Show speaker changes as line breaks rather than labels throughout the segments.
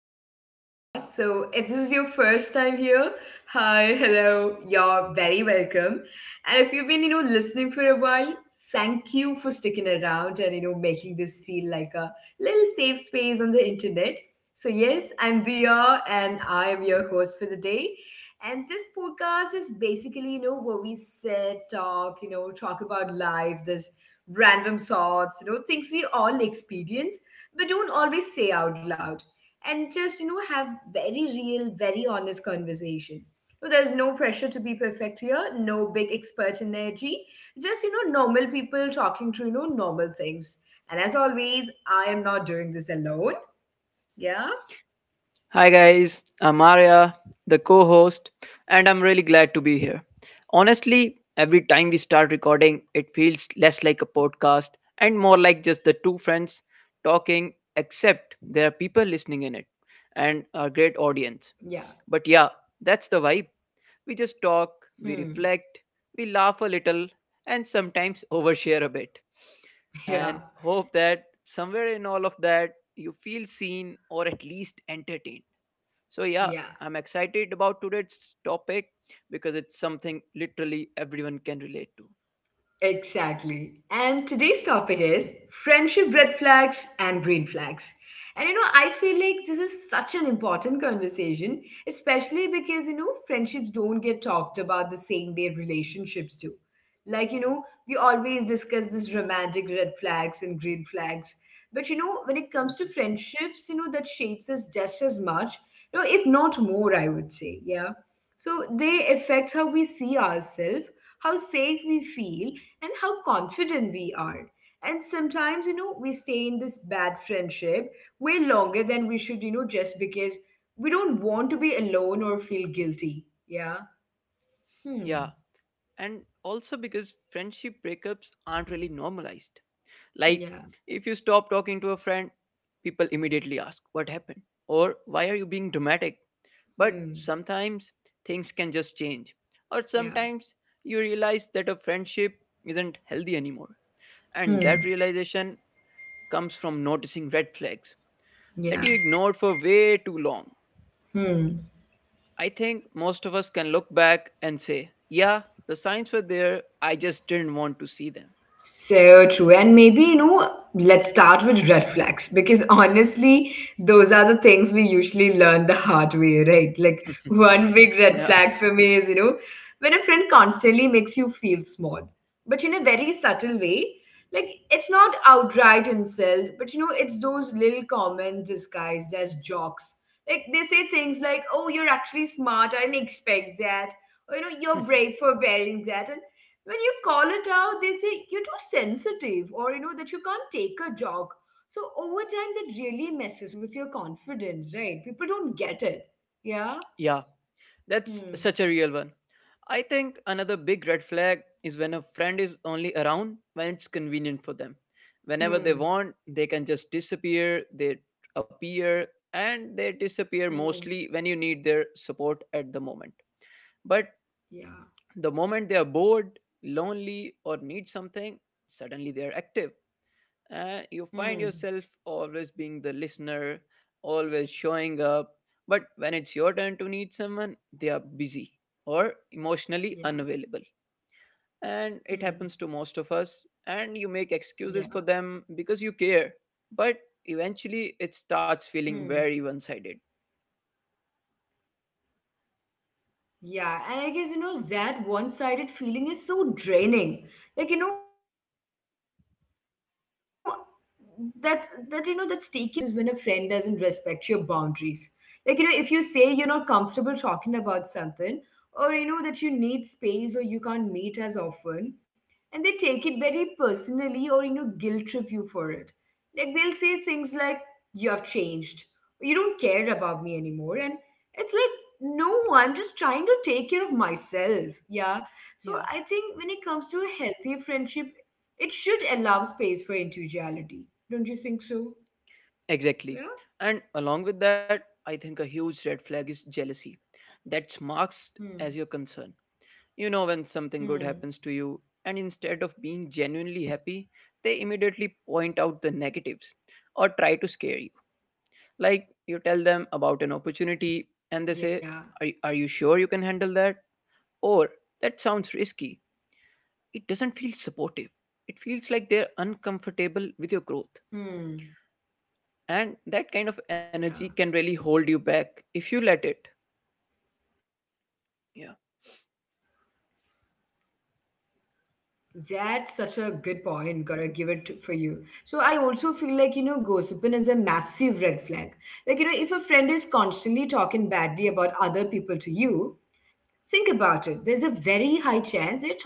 back to the podcast. So, if this is your first time here, hi, hello, you're very welcome. And if you've been, listening for a while, thank you for sticking around and, making this feel like a little safe space on the internet. So, yes, I'm Dia and I am your host for the day. And this podcast is basically, where we sit, talk about life, this random thoughts, things we all experience but don't always say out loud, and just have very real, very honest conversation. So there's no pressure to be perfect here, no big expert energy, just normal people talking through normal things. And as always, I am not doing this alone. Yeah.
Hi guys, I'm Arya, the co host, and I'm really glad to be here. Honestly, every time we start recording, it feels less like a podcast and more like just the two friends talking, except there are people listening in it and
Yeah.
a great audience. But yeah, that's the vibe. We just
Hmm.
talk, we reflect, we laugh a little, and sometimes overshare a bit.
Yeah.
And hope that somewhere in all of that, you feel seen or at least entertained. So, yeah,
Yeah.
I'm excited about today's topic because it's something literally everyone can relate to.
Exactly. And today's topic is friendship red flags and green flags. And I feel like this is such an important conversation, especially because friendships don't get talked about the same way relationships do. Like, we always discuss this romantic red flags and green flags. But when it comes to
Mhm.
friendships, that shapes us just as much, if not more, I would say. Yeah. So they affect how we see ourselves, how safe we feel, and how confident we are. And sometimes, we stay in this bad friendship way longer than we should, just because we don't want to be alone or feel guilty. Yeah. Hmm.
Yeah, and also because friendship breakups aren't really normalized. Like,
Yeah.
if you stop talking to a friend, people immediately ask, "What happened?" Or, "Why are you being dramatic?" But
Hmm.
sometimes things can just change, or
Yeah.
sometimes you realize that a friendship isn't healthy anymore. And
Hmm.
that realization comes from noticing red flags
Yeah.
that you ignored for way too long.
Hmm.
I think most of us can look back and say, yeah, the signs were there, I just didn't want to see them.
So true. And maybe, let's start with red flags because honestly, those are the things we usually learn the hard way, right? Like, one big red
Yeah,
flag for me is, when a friend constantly makes you feel small, but in a very subtle way. Like, it's not outright insult, but it's those little comments disguised as jokes. Like, they say things like, oh, you're actually smart, I didn't expect that. Or, you're brave for wearing that. And when you call it out, they say you're too sensitive or that you can't take a jog. So over time that really messes with your confidence, right? People don't get it. Yeah.
yeah. That's
Hmm.
such a real one. I think another big red flag is when a friend is only around when it's convenient for them. Whenever they want,
Hmm.
they can just disappear, they appear, and they disappear
Hmm.
mostly when you need their support at the moment. But
Yeah.
the moment they are bored, lonely, or need something, suddenly they are active and you find yourself
Hmm.
always being the listener, always showing up. But when it's your turn to need someone, they are busy or emotionally unavailable.
Yeah.
And it happens to most of
Hmm.
us, and you make excuses for them because you
Yeah.
care. But eventually, it starts feeling very one
Hmm.
sided.
Yeah, and I guess that one-sided feeling is so draining. Like that's taking you away, right? Pulling you out. And another red flag I've noticed is when a friend doesn't respect your boundaries. Like if you say you're not comfortable talking about something, or that you need space or you can't meet as often, and they take it very personally or guilt trip you for it. Like they'll say things like, you have changed, or, you don't care about me anymore, and it's like, no, I'm just trying to take care of myself. Yeah. So
Yeah,
I think when it comes to a healthy friendship, it should allow space for individuality. Don't you think so?
exactly.
Yeah.
And along with that, I think a huge red flag is jealousy. That's marked as your
Hmm.
concern. You know, when something good happens
Hmm.
to you, and instead of being genuinely happy, they immediately point out the negatives or try to scare you. Like you tell them
Yeah.
about an opportunity and they say, Are you sure you can handle that? Or that sounds risky. It doesn't feel supportive. It feels like they're
Hmm.
uncomfortable with your growth.
Yeah.
And that kind of energy can really hold you back if you let it. Yeah.
That's such a good point. Gotta give it for you. So I also feel like, gossiping is a massive red flag. Like, if a friend is constantly talking badly about other people to you, think about it. There's a very high chance they're talking badly about you to others as well.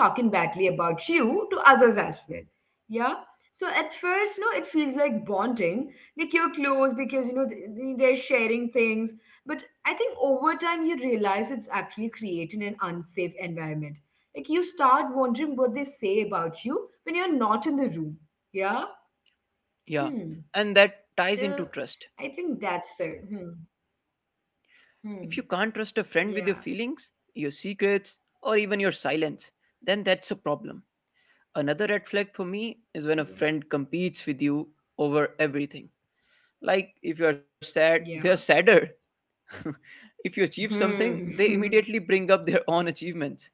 Yeah. So at first, no, it feels like bonding. Like you're close because they're sharing things. But I think over time you realize it's actually creating an unsafe environment. Like you start wondering what they say about you when you're not in the room. Yeah. Hmm.
Yeah.
So
And that
I
ties
think
into
that's it.
trust.
Hmm. Hmm.
If you can't
Yeah.
trust a friend with your feelings, your secrets, or even your silence, then that's a problem. Another red flag for me
Yeah.
is when a friend competes with you over everything. Like if you're
Yeah.
sad, they're sadder. If you achieve something,
Hmm.
they immediately bring up their own achievements.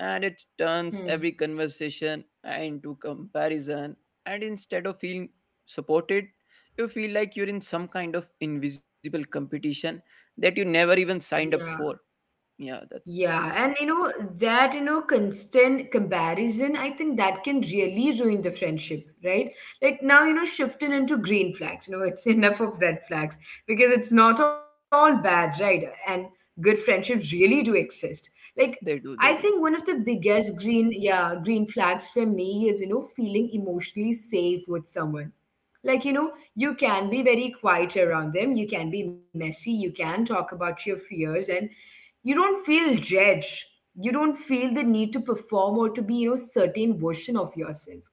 And it
Hmm.
turns every conversation into comparison. And instead of feeling supported, you feel like you're in some kind of invisible competition that you never even signed up
Yeah.
for. Yeah, that's,
Yeah. And that, constant comparison, I think that can really ruin the friendship, right? Like now, shifting into green flags, it's enough of red flags because it's not all bad, right? And good friendships really do exist. Like, I
they
think one
do,
of
they
the
do.
biggest green flags for me is, feeling emotionally safe with someone, like you can be very quiet around them, you can be messy, you can talk about your fears, and you don't feel judged. You don't feel the need to perform or to be certain version of yourself.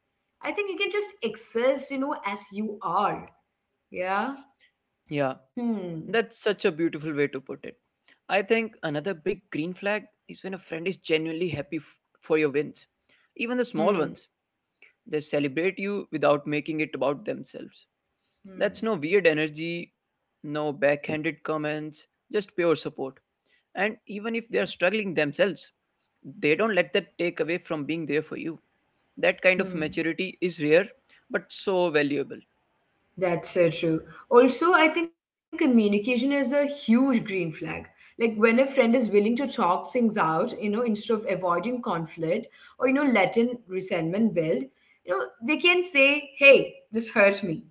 I think you can just exist as you are. Yeah.
Yeah,
Hmm.
that's such a beautiful way to put it. I think another big green flag is when a friend is genuinely happy for your wins, even the small ones.
Hmm.
They celebrate you without making it about themselves. That's no weird
Hmm.
energy, no backhanded comments, just pure support. And even if they are
Yeah.
struggling themselves, they don't let that take away from being there for you. That kind of maturity
Hmm.
is rare, but so valuable.
That's so true. Also, I think communication is a huge green flag. Like when a friend is willing to talk things out, instead of avoiding conflict or, letting resentment build, they can say, hey, this hurts me,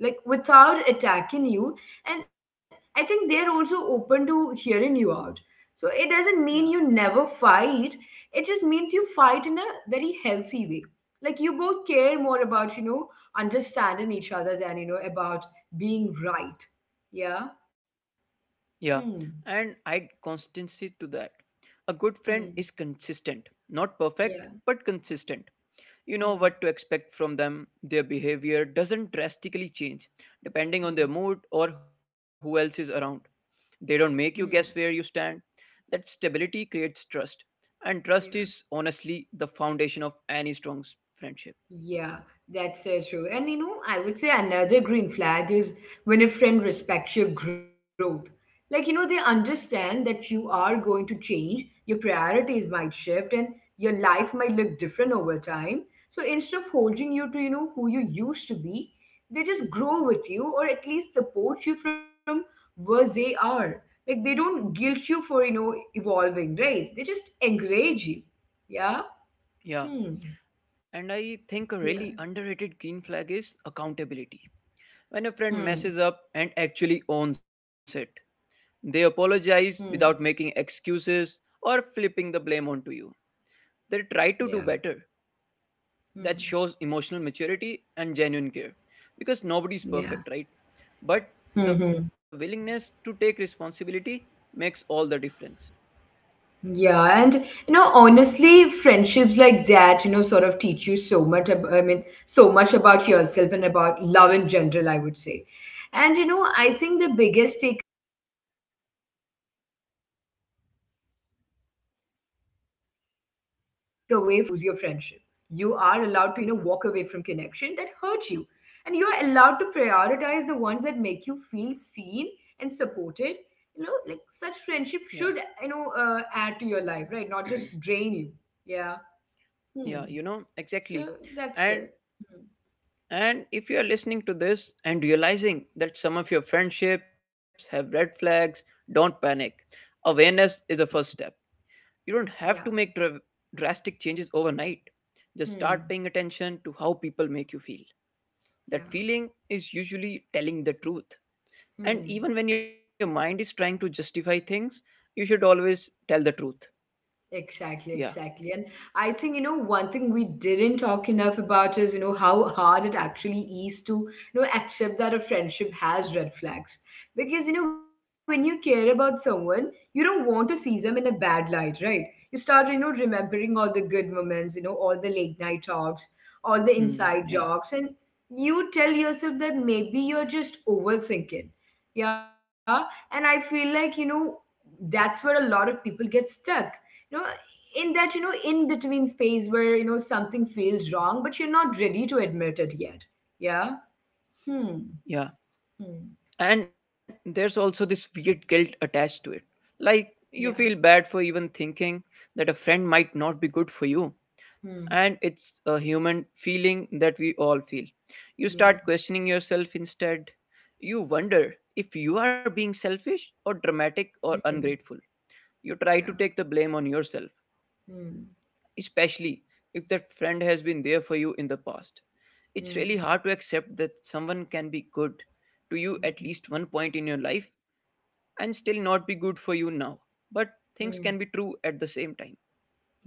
like without attacking you. And I think they're also open to hearing you out. So it doesn't mean
Yeah.
you never fight, it just means you fight in a very healthy way. Like you both care more about, understanding each other than about being right. Yeah.
Yeah,
Hmm.
and I'd constancy to that. A good friend is
Hmm.
consistent, not perfect,
Yeah.
but consistent. You know what
Hmm.
to expect from them. Their behavior doesn't drastically change depending on their
Hmm.
mood or who else is around. They don't make you guess where
Hmm.
you stand. That stability creates trust, and trust is
Yeah.
honestly the foundation of any strong friendship.
Yeah, that's so true. And I would say another green flag is when a friend respects your growth. Like, they understand that you are going to change, your priorities might shift, and your life might look different over time. So instead of holding you to, who you used to be, they just grow with you or at least support you from where they are. Like, they don't guilt you for, evolving, right? They just encourage you. Yeah?
Yeah,
Hmm.
and I think a really
Yeah.
underrated green flag is accountability when a friend messes
Hmm.
up and actually owns it. They apologize
Hmm.
without making excuses or flipping the blame onto you. They try to do
Yeah.
better. That
Hmm.
shows emotional maturity and genuine care because nobody's perfect,
Yeah.
right? But the
Mm-hmm.
willingness to take responsibility makes all the difference.
Yeah. And, honestly, friendships like that, sort of teach you so much, I mean, so much about yourself and about love in general, I would say. And, I think the biggest takeaway from the, whole conversation is that you are allowed to choose your friendship. You are allowed to, walk away from connection that hurt you. And you are allowed to prioritize the ones that make you feel seen and supported. Like such friendship should add to
Yeah,
your life, right? Not just drain you. Yeah. Hmm. So
yeah, you
that's
know,
it.
exactly.
Hmm.
And and if you are listening to this and realizing that some of your friendships have red flags, don't panic. Awareness is the first step. You don't have
Yeah.
to make drastic changes overnight. Just start paying
Hmm.
attention to how people make you feel. That
Yeah.
feeling is usually telling the truth. And
Hmm.
even when your mind is trying to justify things, you should always tell the truth.
Exactly, exactly.
Yeah.
And I think, one thing we didn't talk enough about is, how hard it actually is to, accept that a friendship has red flags. Because, when you care about someone, you don't want to see them in a bad light, right? You start, remembering all the good moments, all the late night talks, all the inside
Mm,
jokes, and
yeah.
you tell yourself that maybe you're just overthinking. Yeah. And I feel like, that's where a lot of people get stuck. No, in that in between space where something feels wrong but you're not ready to admit it yet. Yeah. Hmm.
Yeah.
Hmm.
And there's also this weird guilt attached to it. Like,
Yeah.
you feel bad for even thinking that a friend might not be good for you,
Hmm.
and it's a human feeling that we all feel. You
Yeah.
start questioning yourself instead. You wonder if you are being selfish or dramatic
Hmm.
or ungrateful. You
Yeah.
try to take the blame on yourself,
Hmm.
especially if that friend has been there for you in the past. It's really
Hmm.
hard to accept that someone can be good to you at
Hmm.
least one point in your life and still not be good for you now. But
Hmm.
things can be true at the same time.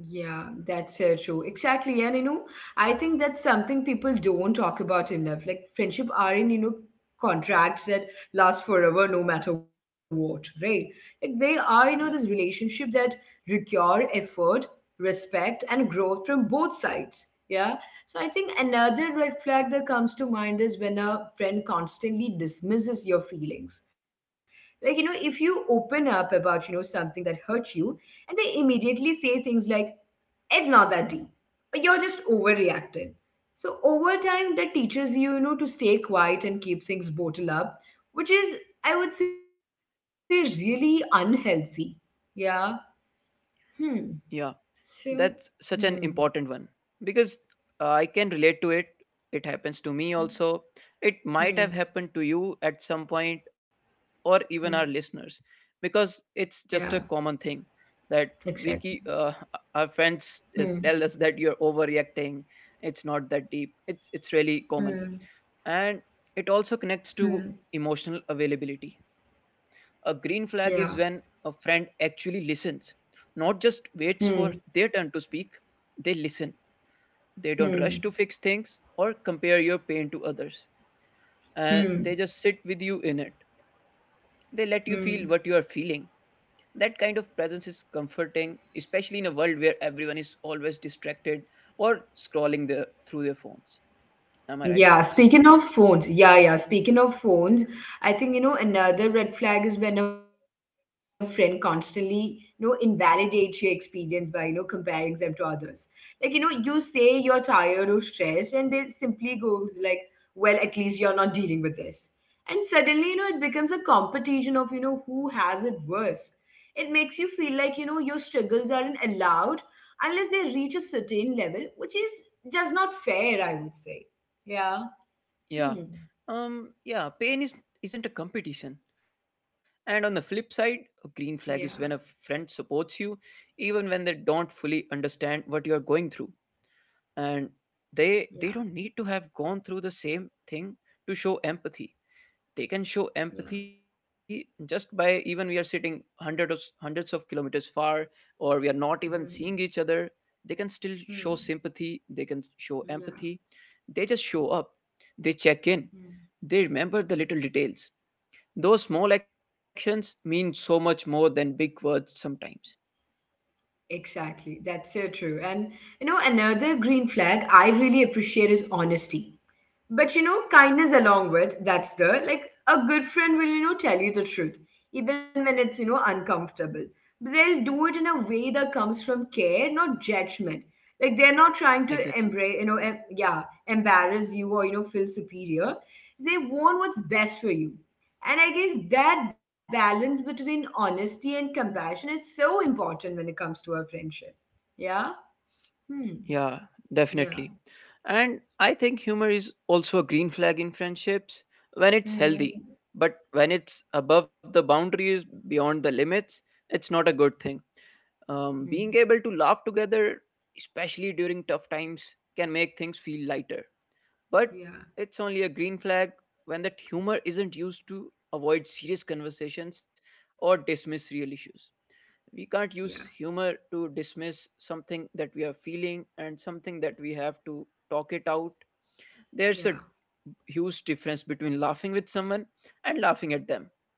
Yeah, that's true. Exactly. And I think that's something people don't talk about enough. Like friendship are in, contracts that last forever no matter what, right? Like they are, this
Yeah,
relationship that require effort, respect, and growth from both sides. Yeah. So I think another red flag that comes to mind is when a friend constantly dismisses your feelings. Like, if you open up about, something that hurt you, and they immediately say things like, it's not that deep. You're just overreacting. So over time, that teaches you, to stay quiet and keep things bottled up, which is, I would say, really unhealthy. Yeah. Hmm.
yeah.
So.
That's such
Hmm.
an important one because I can relate to it. It happens to me also. It might
Hmm.
have happened to you at some point or even our
Yeah.
listeners because it's just a
Exactly.
common thing that we keep
Hmm.
our friends is, tell us that you're overreacting. It's not that deep.
Hmm.
It's really common and
Hmm.
it also connects to emotional availability. A green
Yeah.
flag is when a friend actually listens, not just waits
Hmm.
for their turn to speak, they listen. They don't
Hmm.
rush to fix things or compare your pain to others. And
Hmm.
they just sit with you in it. They let you feel
Hmm.
what you are feeling. That kind of presence is comforting, especially in a world where everyone is always distracted or scrolling their, through their phones. Am I right?
Yeah, speaking of phones, I think, another red flag is when a friend constantly, invalidates your experience by, comparing them to others. Like, you say you're tired or stressed, and they simply goes like, well, at least you're not dealing with this. And suddenly, it becomes a competition of, who has it worse. It makes you feel like, your struggles aren't allowed unless they reach a certain level, which is just not fair, I would say. Yeah.
Yeah.
Hmm.
Yeah, pain is isn't a competition. And on the flip
Yeah.
side, a green flag is when a friend supports you even when they don't fully understand what you are going through. And
Yeah.
they don't need to have gone through the same thing to show empathy. They can show
Yeah.
empathy just by even we are sitting hundreds of kilometers far or we are not even seeing each
Hmm.
other. They can still show
Hmm.
sympathy, they can show empathy.
Yeah.
They just show up. They check in,
Hmm.
they remember the little details. Those small actions mean so much more than big words sometimes.
Exactly. That's so true. And another green flag I really appreciate is honesty. But kindness along with that's the like a good friend will, tell you the truth, even when it's, uncomfortable. But they'll do it in a way that comes from care, not judgment. Like they're not trying to
Exactly.
embrace,
Yeah.
yeah, embarrass you or, feel superior. They want what's best for you. And I guess that balance between honesty and compassion is so important when it comes to a friendship. Yeah? Hmm.
Yeah, definitely.
Yeah.
And I think humor is also a green flag in friendships when it's healthy.
Hmm.
But when it's above the boundaries, beyond the limits, it's not a good thing.
Hmm.
Being
Hmm.
able to laugh together, especially during tough times, can make things feel lighter. But it's
Yeah.
only a green flag when that humor isn't used to avoid serious conversations or dismiss real issues. We can't use
Yeah.
humor to dismiss something that we are feeling and something that we have to talk it out. There's a
Yeah.
huge difference between laughing with someone and laughing at them.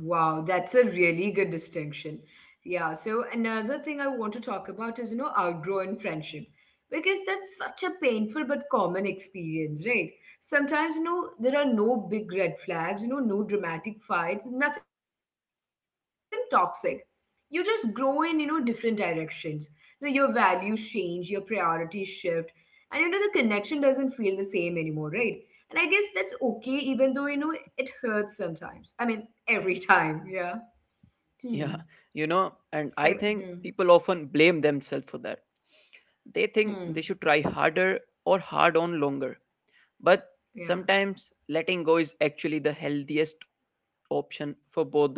Wow, that's a really good distinction. Yeah, so another thing I want to talk about is, outgrowing friendship because that's such a painful but common experience, right? Sometimes, there are no big red flags, no dramatic fights, nothing toxic. You just grow in, different directions. Your values change, your priorities shift, and the connection doesn't feel the same anymore, right? And I guess that's okay, even though, it hurts sometimes. I mean, every time, yeah. Hmm.
Yeah, you know,
So,
and I
hmm,
think people often blame themselves for that. They
hmm.
think they should try harder or hard on longer. But
Yeah,
sometimes letting go is actually the healthiest option for both the peoples.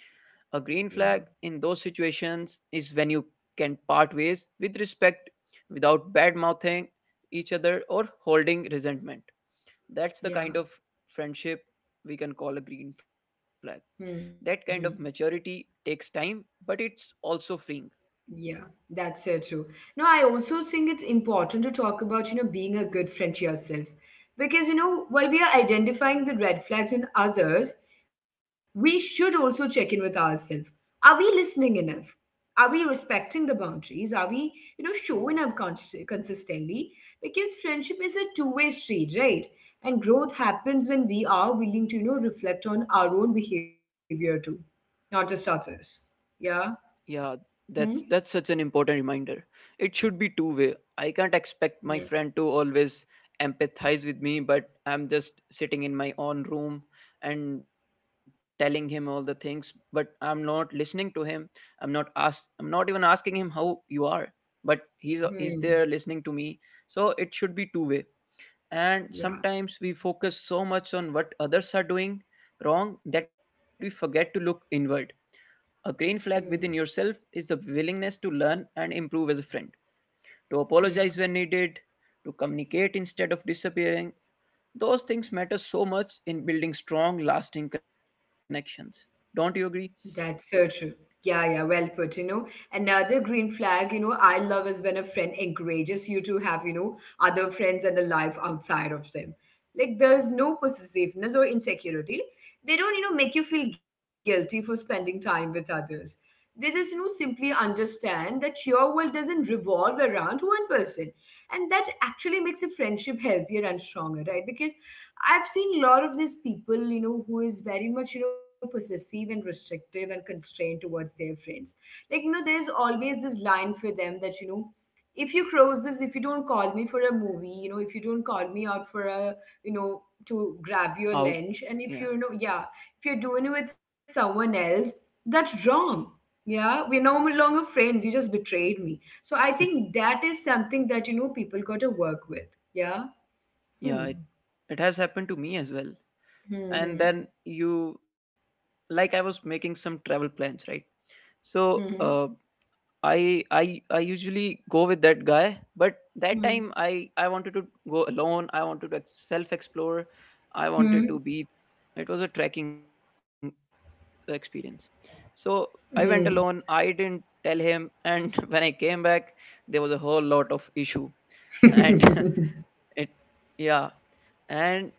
A green
yeah,
flag in those situations is when you can part ways with respect without bad mouthing each other or holding resentment. That's the
yeah.
kind of friendship we can call a green flag. That
Hmm,
kind of
hmm.
maturity takes time, but it's also freeing.
Yeah, that's so true. Now, I also think it's important to talk about, being a good friend to yourself. Because, while we are identifying the red flags in others, we should also check in with ourselves. Are we listening enough? Are we respecting the boundaries? Are we, showing up
Hmm.
consistently? Because friendship is a two-way street, right? And growth happens when we are willing to, reflect on our own behavior too, not just others. Yeah.
Yeah,
Hmm?
that's such an important reminder. It should be two way. I can't expect
Yeah.
my friend to always empathize with me, but I'm just sitting in my own room and telling him all the things, but I'm not listening to him. I'm not even asking him how you are, but he's
Hmm.
there listening to me. So it should be two way. And
Yeah.
sometimes we focus so much on what others are doing wrong that we forget to look inward. A green flag within
Hmm.
yourself is the willingness to learn and improve as a friend, to
Yeah.
apologize when needed, to communicate instead of disappearing. Those things matter so much in building strong, lasting connections. Don't you agree?
That's so true. Yeah, yeah, well put. Another green flag, I love is when a friend encourages you to have, other friends and a life outside of them. Like there's no possessiveness or insecurity. They don't, make you feel guilty for spending time with others. They just, simply understand that your world doesn't revolve around one person. And that actually makes a friendship healthier and stronger, right? Because I've seen a lot of these people, who is very much, possessive and restrictive and constrained towards their friends. Like, there's always this line for them that, if you cross this, if you don't call me for a movie, if you don't call me out for a, to grab your
Out.
lunch, and if
Yeah.
you, you know yeah, if you're doing it with someone else, that's wrong. Yeah, we're no longer friends, you just betrayed me. So I think that is something that, people got to work with. Yeah.
Yeah,
Hmm.
it has happened to me as well. And then
Hmm.
you, like, I was making some travel plans, right? So,
Hmm.
I usually go with that guy, but that time
Hmm.
I wanted to go alone. I wanted to self explore. I wanted
Hmm.
to be. It was a trekking experience, so I went
Hmm.
alone. I didn't tell him, and when I came back, there was a whole lot of issue, and
Hmm.
it yeah and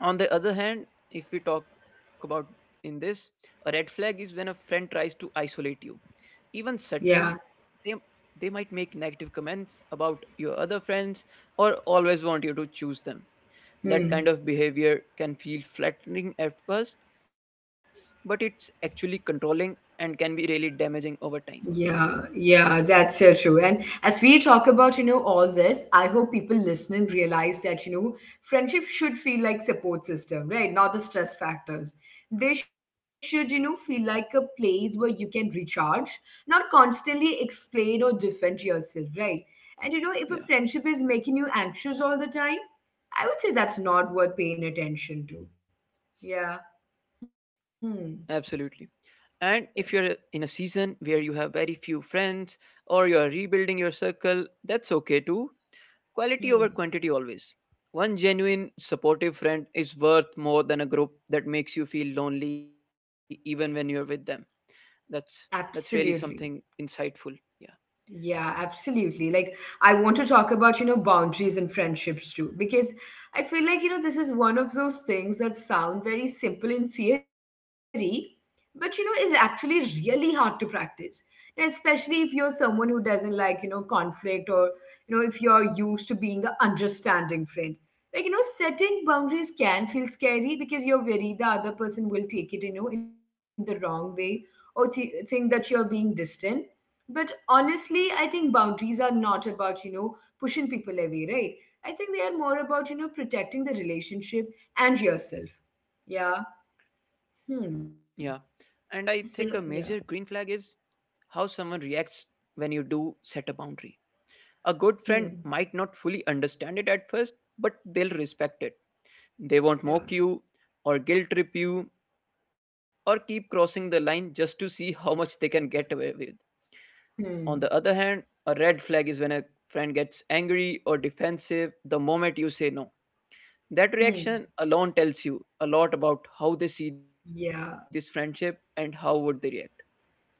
on the other hand, if we talk about in this, a red flag is when a friend tries to isolate you. Even subtly,
Yeah.
they they might make negative comments about your other friends or always want you to choose them. That kind
Hmm.
of behavior can feel flattering at first, but it's actually controlling and can be really damaging over time.
Yeah, yeah, that's so true. And as we talk about, all this, I hope people listening realize that, friendship should feel like support system, right? Not the stress factors. They should, feel like a place where you can recharge, not constantly explain or defend yourself, right? And if a
Yeah,
friendship is making you anxious all the time, I would say that's not worth paying attention to. Yeah. Hmm.
absolutely. And if
Yeah.
you're in a season where you have very few friends or you're rebuilding your circle, that's okay too. Quality over
Hmm.
quantity always. One genuine, supportive friend is worth more than a group that makes you feel lonely even when you're with them. That's that's really something
Absolutely.
insightful. Yeah.
Yeah, absolutely. Like, I want to talk about, boundaries and friendships too, because I feel like, this is one of those things that sound very simple in theory, but, is actually really hard to practice. And especially if you're someone who doesn't like, conflict, or, if you're used to being the understanding friend. Like, setting boundaries can feel scary because you're worried the other person will take it, in the wrong way or think that you're being distant, but honestly, I think boundaries are not about, pushing people away, right? I think they are more about, protecting the relationship and yourself. Yeah.
Yeah.
Hmm.
And I think a
So,
major green
yeah.
flag is how someone reacts when you do set a boundary. A good friend
Hmm.
might not fully understand it at first, but they'll respect it. They won't mock
Yeah.
you or guilt trip you or keep crossing the line just to see how much they can get away with. On the other
Hmm.
hand, a red flag is when a friend gets angry or defensive the moment you say no. That
Hmm.
reaction alone tells you a lot about how they see this friendship
Yeah.
and how would they react.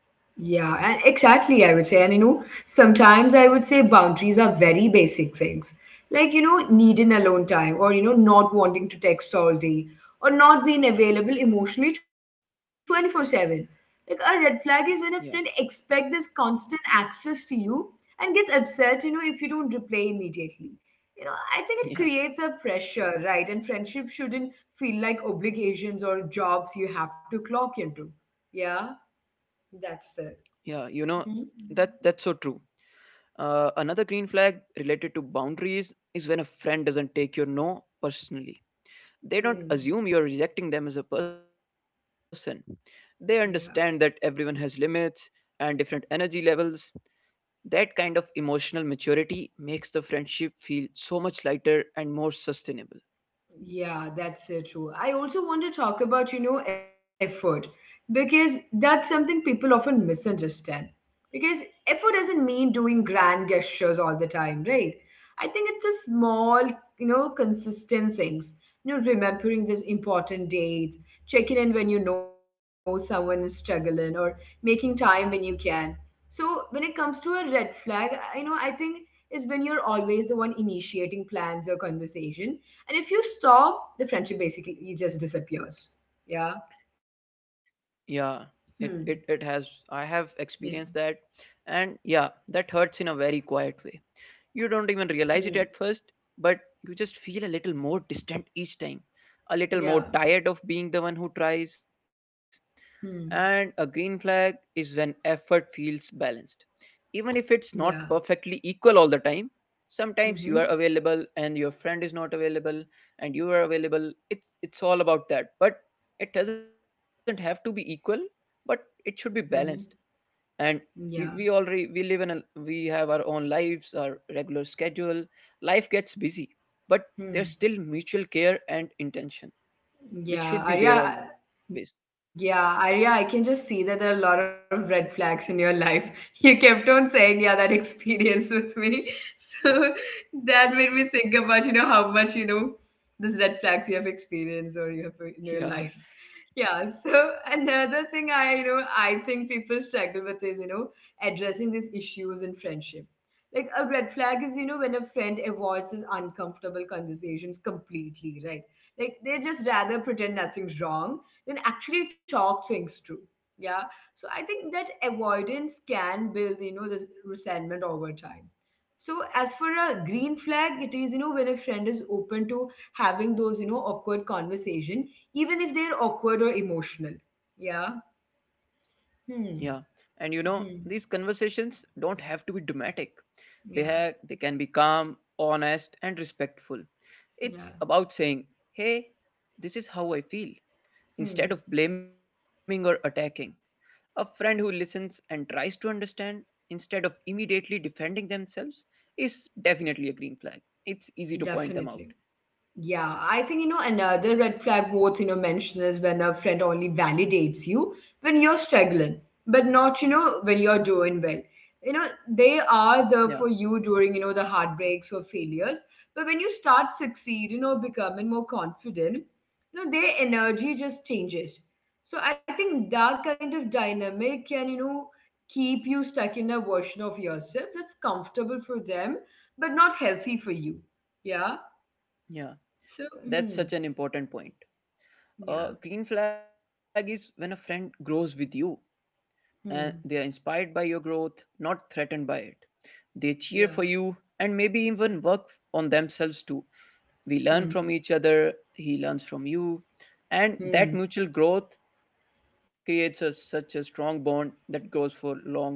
Yeah, and exactly, I would say. And sometimes I would say boundaries are very basic things. Like, needing alone time, or, not wanting to text all day, or not being available emotionally 24/7. Like, a red flag is when a friend
Yeah,
expects this constant access to you and gets upset, if you don't reply immediately. You know, I think it
yeah,
creates a pressure, right? And friendship shouldn't feel like obligations or jobs you have to clock into. Yeah, that's
yeah.
it.
You know, that's
Mhm.
so true. Another green flag related to boundaries is when a friend doesn't take your no personally. They don't assume
Mm.
you're rejecting them as a person. They understand that
Yeah.
everyone has limits and different energy levels. That kind of emotional maturity makes the friendship feel so much lighter and more sustainable.
Yeah, that's so true. I also want to talk about, effort because that's something people often misunderstand. Because effort doesn't mean doing grand gestures all the time, right? I think it's a small, consistent things. You know, remembering this important dates, checking in when you know someone is struggling, or making time when you can. So when it comes to a red flag, I think is when you're always the one initiating plans or conversation, and if you stop, the friendship basically just disappears. Yeah.
Yeah,
Hmm.
it has. I have
Yeah.
experienced that. And yeah, that hurts in a very quiet way. You don't even realize it at
Hmm.
first, but you just feel a little more distant each time, a little more tired
Yeah.
of being the one who tries. And a
Hmm.
green flag is when effort feels balanced. Even if it's not
Yeah.
perfectly equal all the time, sometimes you are available
Mm-hmm.
and your friend is not available and you are available. It's all about that. But it doesn't have to be equal, but it should be balanced.
Mm-hmm.
And we
Yeah.
live in a we have our own lives, our regular schedule. Life gets busy, but there's still
Hmm.
mutual care and intention, which should be there
Yeah,
always.
Arya, yeah, Arya, I can just see that there are a lot of red flags in your life. You kept on saying, yeah, that experience with me. So that made me think about, how much, these red flags you have experienced or you have in your
Yeah.
life. Yeah, so another thing I I think people struggle with is, addressing these issues in friendship. Like a red flag is, when a friend avoids these uncomfortable conversations completely, right? Like they just rather pretend nothing's wrong than actually talk things through. Yeah. So I think that avoidance can build, this resentment over time. So as for a green flag, it is, when a friend is open to having those, awkward conversation, even if they're awkward or emotional. Yeah.
Yeah.
Hmm.
And you know, these
Hmm.
conversations don't have to be dramatic. They have
Yeah.
they can be calm, honest, and respectful. It's
Yeah.
about saying, "Hey, this is how I feel," instead
Hmm.
of blaming or attacking. A friend who listens and tries to understand instead of immediately defending themselves is definitely a green flag. It's easy to point them out.
Definitely. Yeah, I think you know another red flag worth you know mention is when a friend only validates you when you're struggling, but not you know when you're doing well. You know they are
Yeah.
there for you during you know the heartbreaks or failures, but when you start succeeding or becoming more confident, you know their energy just changes. So I think that kind of dynamic can you know keep you stuck in a version of yourself that's comfortable for them, but not healthy for you. Yeah.
Yeah.
So,
That's such
hmm.
an important point. A
Yeah.
green flag is when a friend grows with you and they are
Hmm.
inspired by your growth, not threatened by it. They cheer for you
Yeah.
and maybe even work on themselves too. We learn from
Hmm.
each other, he learns from you, and that
Hmm.
mutual growth creates a, such a strong bond that grows for long, long time.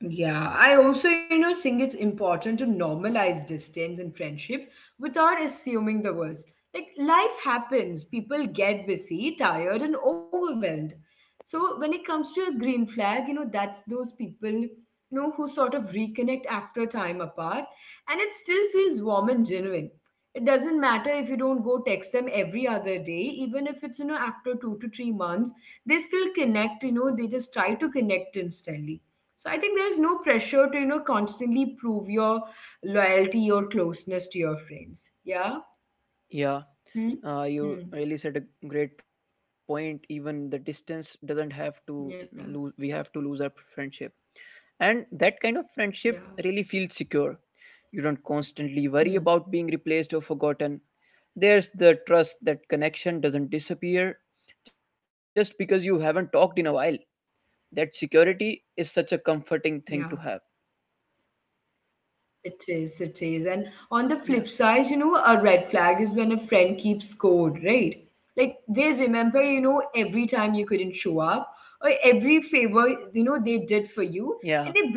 Yeah, I also, think it's important to normalize distance in friendship without assuming the worst. Like, life happens, people get busy, tired, and overwhelmed. So, when it comes to a green flag, that's those people, who sort of reconnect after time apart, and it still feels warm and genuine. It doesn't matter if you don't go text them every other day, even if it's, after 2 to 3 months, they still connect, they just try to connect instantly. So I think there is no pressure to, constantly prove your loyalty or closeness to your friends. Yeah.
Yeah,
Hmm.
you
Hmm.
really said a great point. Even the distance doesn't
Yeah.
have to lose, we have to lose our friendship. And that kind
Yeah.
of friendship really feels secure. You don't
Hmm.
constantly worry about being replaced or forgotten. There's the trust that connection doesn't disappear just because you haven't talked in a while. That security
Yeah.
is such a comforting thing to have.
It is, it is. And on the flip side, a red
Yeah.
flag is when a friend keeps score, right? Like they remember, every time you couldn't show up or every favor, they did for you and they bring it
Yeah.
up later.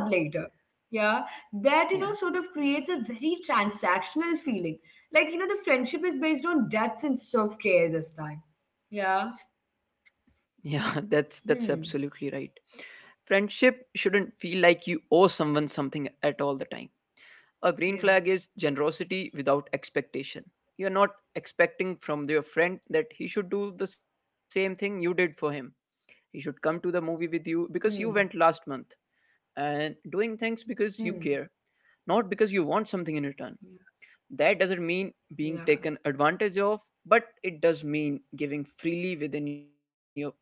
Yeah. That, sort of creates
Yeah.
a very transactional feeling. Like, the friendship is based on debts instead of care this time. Yeah.
Yeah, that's
Hmm.
absolutely right. Friendship shouldn't feel like you owe someone something at all the time. A green
Yeah.
flag is generosity without expectation. You're not expecting from your friend that he should do the same thing you did for him. He should come to the movie
Hmm.
with you because you went last month and doing
Hmm.
things because you care, not because you want something in
Yeah.
return. That doesn't mean
Yeah.
being taken advantage of, but it does mean giving freely within your boundaries.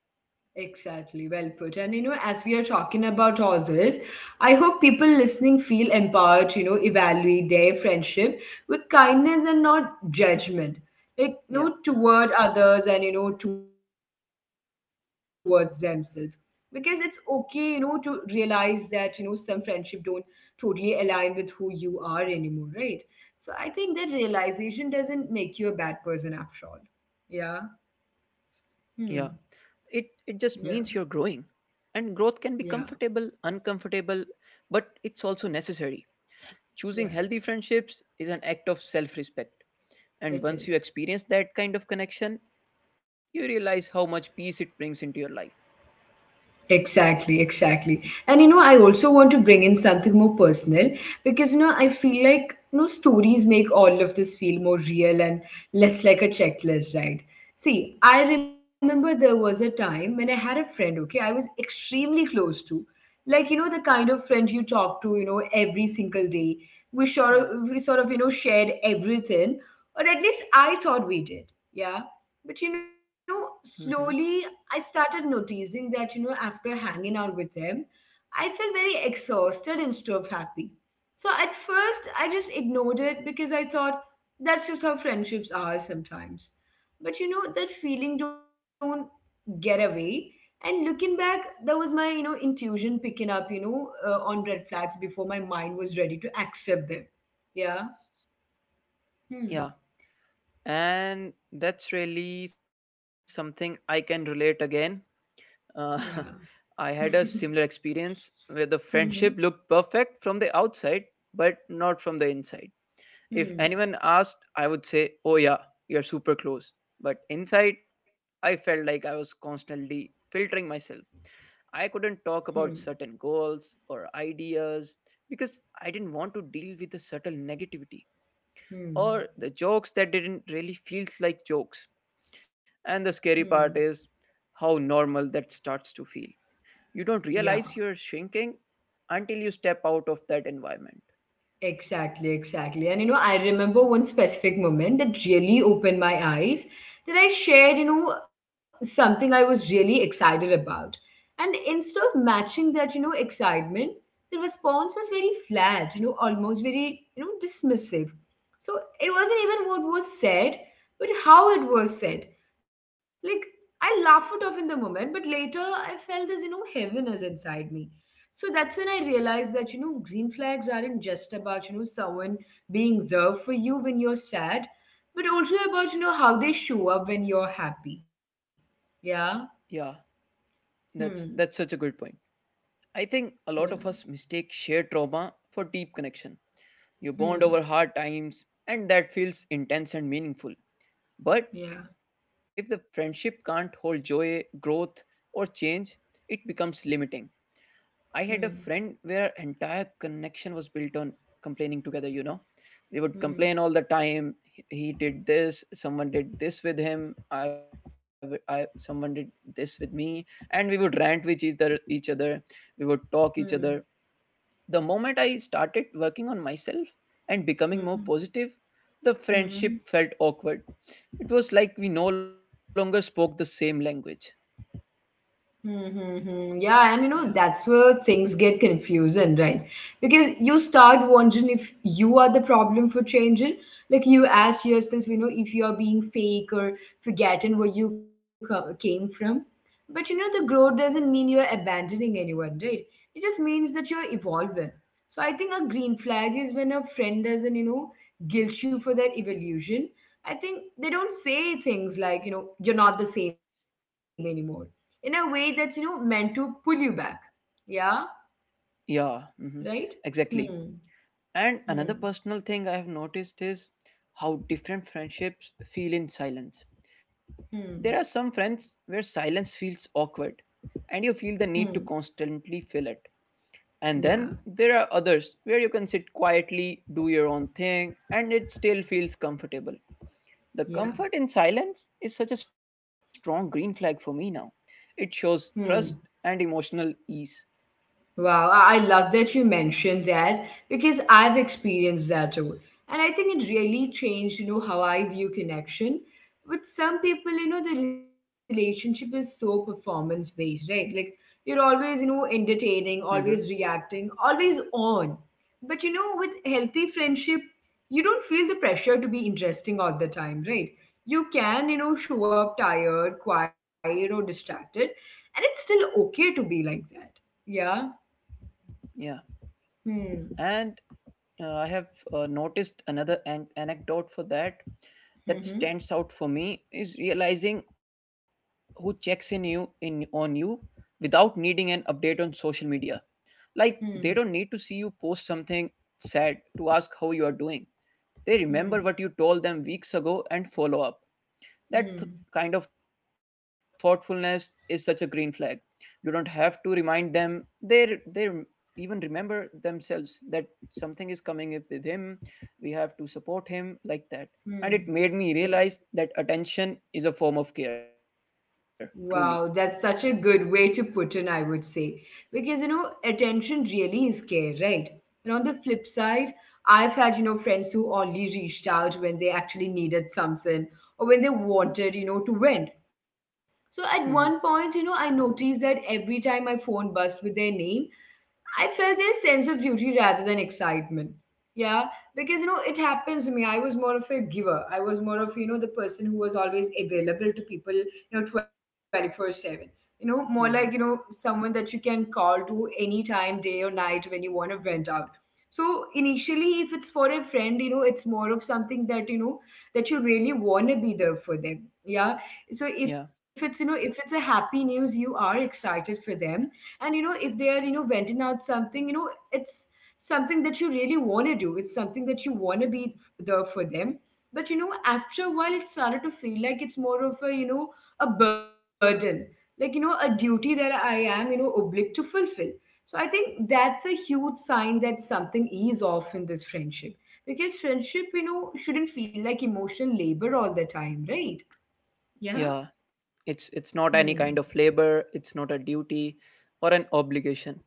Exactly, well put. And as we are talking about all this, I hope people listening feel empowered to, evaluate their friendship with kindness and not judgment. Like,
Yeah.
toward others and, towards themselves. Because it's okay, to realize that, some friendship don't totally align with who you are anymore, right? So I think that realization doesn't make you a bad person after all. Yeah.
Yeah.
Hmm.
It just
Yeah.
means you're growing. And growth can be
Yeah.
comfortable, uncomfortable, but it's also necessary. Choosing
Yeah.
healthy friendships is an act of self respect. And
It
once you
is.
experience that kind of connection, you realize how much peace it brings into your life.
Exactly, exactly. And I also want to bring in something more personal because I feel like stories make all of this feel more real and less like a checklist, right? See, I remember there was a time when I had a friend, okay, I was extremely close to. Like, the kind of friend you talk to, every single day. We sort of, we
Yeah.
sort of, shared everything, or at least I thought we did. Yeah. But
Hmm.
slowly I started noticing that, after hanging out with them, I felt very exhausted instead of happy. So at first, I just ignored it because I thought that's just how friendships are sometimes. But that feeling don't get away. And looking back, that was my, intuition picking up, on red flags before my mind was ready to accept them. Yeah. Hmm.
Yeah. And that's really something I can relate again.
Yeah.
Uh, I had a similar experience where the
Hmm.
friendship looked perfect from the outside, but not from the inside. If
Hmm.
anyone asked, I would say, "Oh, yeah, you're super close." But inside, I felt like I was constantly filtering myself. I
Hmm.
couldn't talk about certain goals or ideas because I didn't want to deal with the subtle negativity or
Hmm.
the jokes that didn't really feel like jokes.
Hmm.
And the scary part is how normal that starts to feel. You
Yeah.
don't realize you're shrinking until you step out of that environment.
Exactly, exactly. And I remember one specific moment that really opened my eyes that I shared, something I was really excited about. And instead of matching that, excitement, the response was very flat, almost very, dismissive. So it wasn't even what was said, but how it was said. Like, I laughed it off in the moment, but later I felt this, heaviness inside me, so that's when I realized that, green flags aren't just about, someone being there for you when you're sad, but also about, how they show up when you're happy. Yeah.
Yeah,
Hmm.
that's such a good point. I think a
Yeah.
lot of us mistake shared trauma for deep connection. You
Hmm.
bond over hard times and that feels intense and meaningful.
Yeah.
But if the friendship can't hold joy, growth, or change, it becomes limiting. I had a
Hmm.
friend where entire connection was built on complaining together, you know. We would
Hmm.
complain all the time. He did this, someone did this with him, someone did this with me, and we would rant with each other, we would talk each other.
Hmm.
The moment I started working on myself and becoming more
Hmm.
positive, the friendship
Hmm.
felt awkward. It was like we no longer spoke the same language.
Mm-hmm. Yeah, and
Yeah.
that's where things get confusing, right? Because you start wondering if you are the problem for changing. Like, you ask yourself, if you are being fake or forgetting where you came from. But the growth doesn't mean you're abandoning anyone, right? It just means that you're evolving. So, I think a green flag is when a friend doesn't, guilt you for that evolution. I think they don't say things like, you're not the same anymore in a way that's meant to pull you back. Yeah.
Yeah.
Right.
Hmm.
Hmm.
Exactly. And
Hmm.
another personal thing I have noticed is how different friendships feel in silence. There are some
Hmm.
friends where silence feels awkward and you feel the need to
Hmm.
constantly fill it. And
Yeah.
then there are others where you can sit quietly, do your own thing, and it still feels comfortable. The
Yeah.
comfort in silence is such a strong green flag for me now. It shows trust
Hmm.
and emotional ease.
Wow, I love that you mentioned that because I've experienced that too. And I think it really changed, how I view connection. With some people, the relationship is so performance based, right? Like you're always, entertaining,
Mm-hmm.
always reacting, always on. But with healthy friendship, you don't feel the pressure to be interesting all the time, right? You can, show up tired, quiet, or distracted, and it's still okay to be like that. Yeah.
Yeah.
Hmm.
And I have noticed another anecdote for that that
Hmm.
stands out for me is realizing who checks in on you without needing an update on social media. Like, they don't need to see
Hmm.
you post something sad to ask how you are doing. They remember what you
Hmm.
told them weeks ago and follow up. That
Hmm.
kind of thoughtfulness is such a green flag. You don't have to remind them. They even remember themselves that something is coming up with him. We have to support him like that. And it made
Hmm.
me realize
Yeah.
that attention is a form of care, truly.
Wow, that's such a good way to put in, I would say. Because, attention really is care, right? And on the flip side, I've had, friends who only reached out when they actually needed something or when they wanted, to vent. So at one
Hmm.
point, I noticed that every time my phone buzzed with their name, I felt this sense of duty rather than excitement. Yeah, because it happens to me. I was more of a giver. I was more of the person who was always available to people. 24/7. More like
Hmm.
someone that you can call to any time, day or night when you want to vent out. So initially, if it's for a friend, it's more of something that that you really want to be there for them. Yeah. So
Yeah.
if it's if it's a happy news, you are excited for them, and if they are venting out something, it's something that you really want to do, it's something that you want to be there for them. But after a while it started to feel like it's more of a a burden, like a duty that I am obliged to fulfill. So I think that's a huge sign that something is off in this friendship, because friendship shouldn't feel like emotional labor all the time, right? Yeah.
Yeah, it's not
Hmm.
any kind of labor, it's not a duty or an obligation.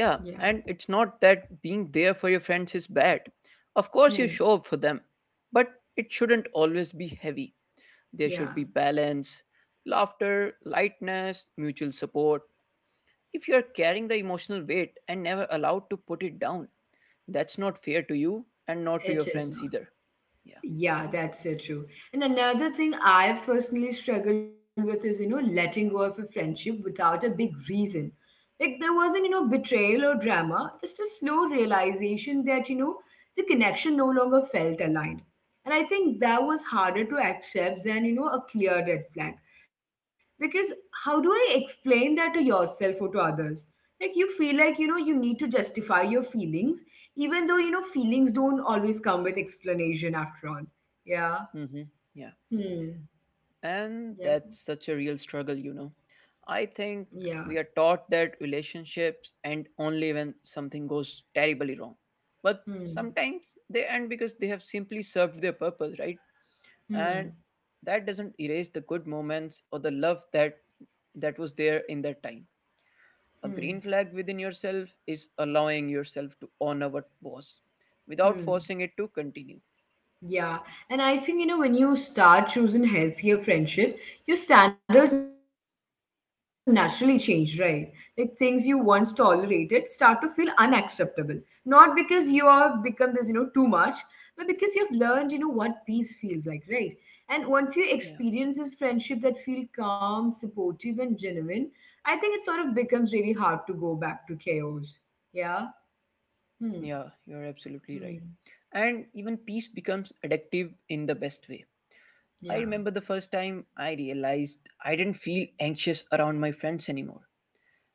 Yeah,
Yeah.
and it's not that being there for your friends is bad. Of course you
Hmm.
show up for them, but it shouldn't always be heavy. There should
Yeah.
be balance, laughter, lightness, mutual support. If you are carrying the emotional weight and never allowed to put it down, that's not fair to you and not to
It
your
is
friends
not.
either. Yeah.
Yeah, that's so true. And another thing I've personally struggled with is, letting go of a friendship without a big reason. Like, there wasn't, betrayal or drama, just a slow realization that, the connection no longer felt aligned. And I think that was harder to accept than, a clear red flag. Because how do I explain that to yourself or to others? Like, you feel like, you need to justify your feelings, even though, feelings don't always come with explanation after all. Yeah.
Hmm. Yeah.
Hmm.
And
Yeah.
that's such a real struggle, you know. I
Yeah.
think we are taught that relationships end only when something goes terribly wrong. But
Hmm.
sometimes they end because they have simply served their purpose, right? And
Hmm.
that doesn't erase the good moments or the love that was there in that time.
Hmm.
A green flag within yourself is allowing yourself to honor what was without
Hmm.
forcing it to continue.
Yeah, and I think when you start choosing healthier friendship, your standards naturally change, right? Like things you once tolerated start to feel unacceptable. Not because you have become this, too much, but because you've learned, what peace feels like, right? And once you experience
Yeah.
this friendship that feel calm, supportive, and genuine, I think it sort of becomes really hard to go back to chaos. Yeah. Hmm.
Yeah, you're absolutely right.
Hmm.
And even peace becomes addictive in the best way. I
Yeah.
remember the first time I realized I didn't feel anxious around my friends anymore.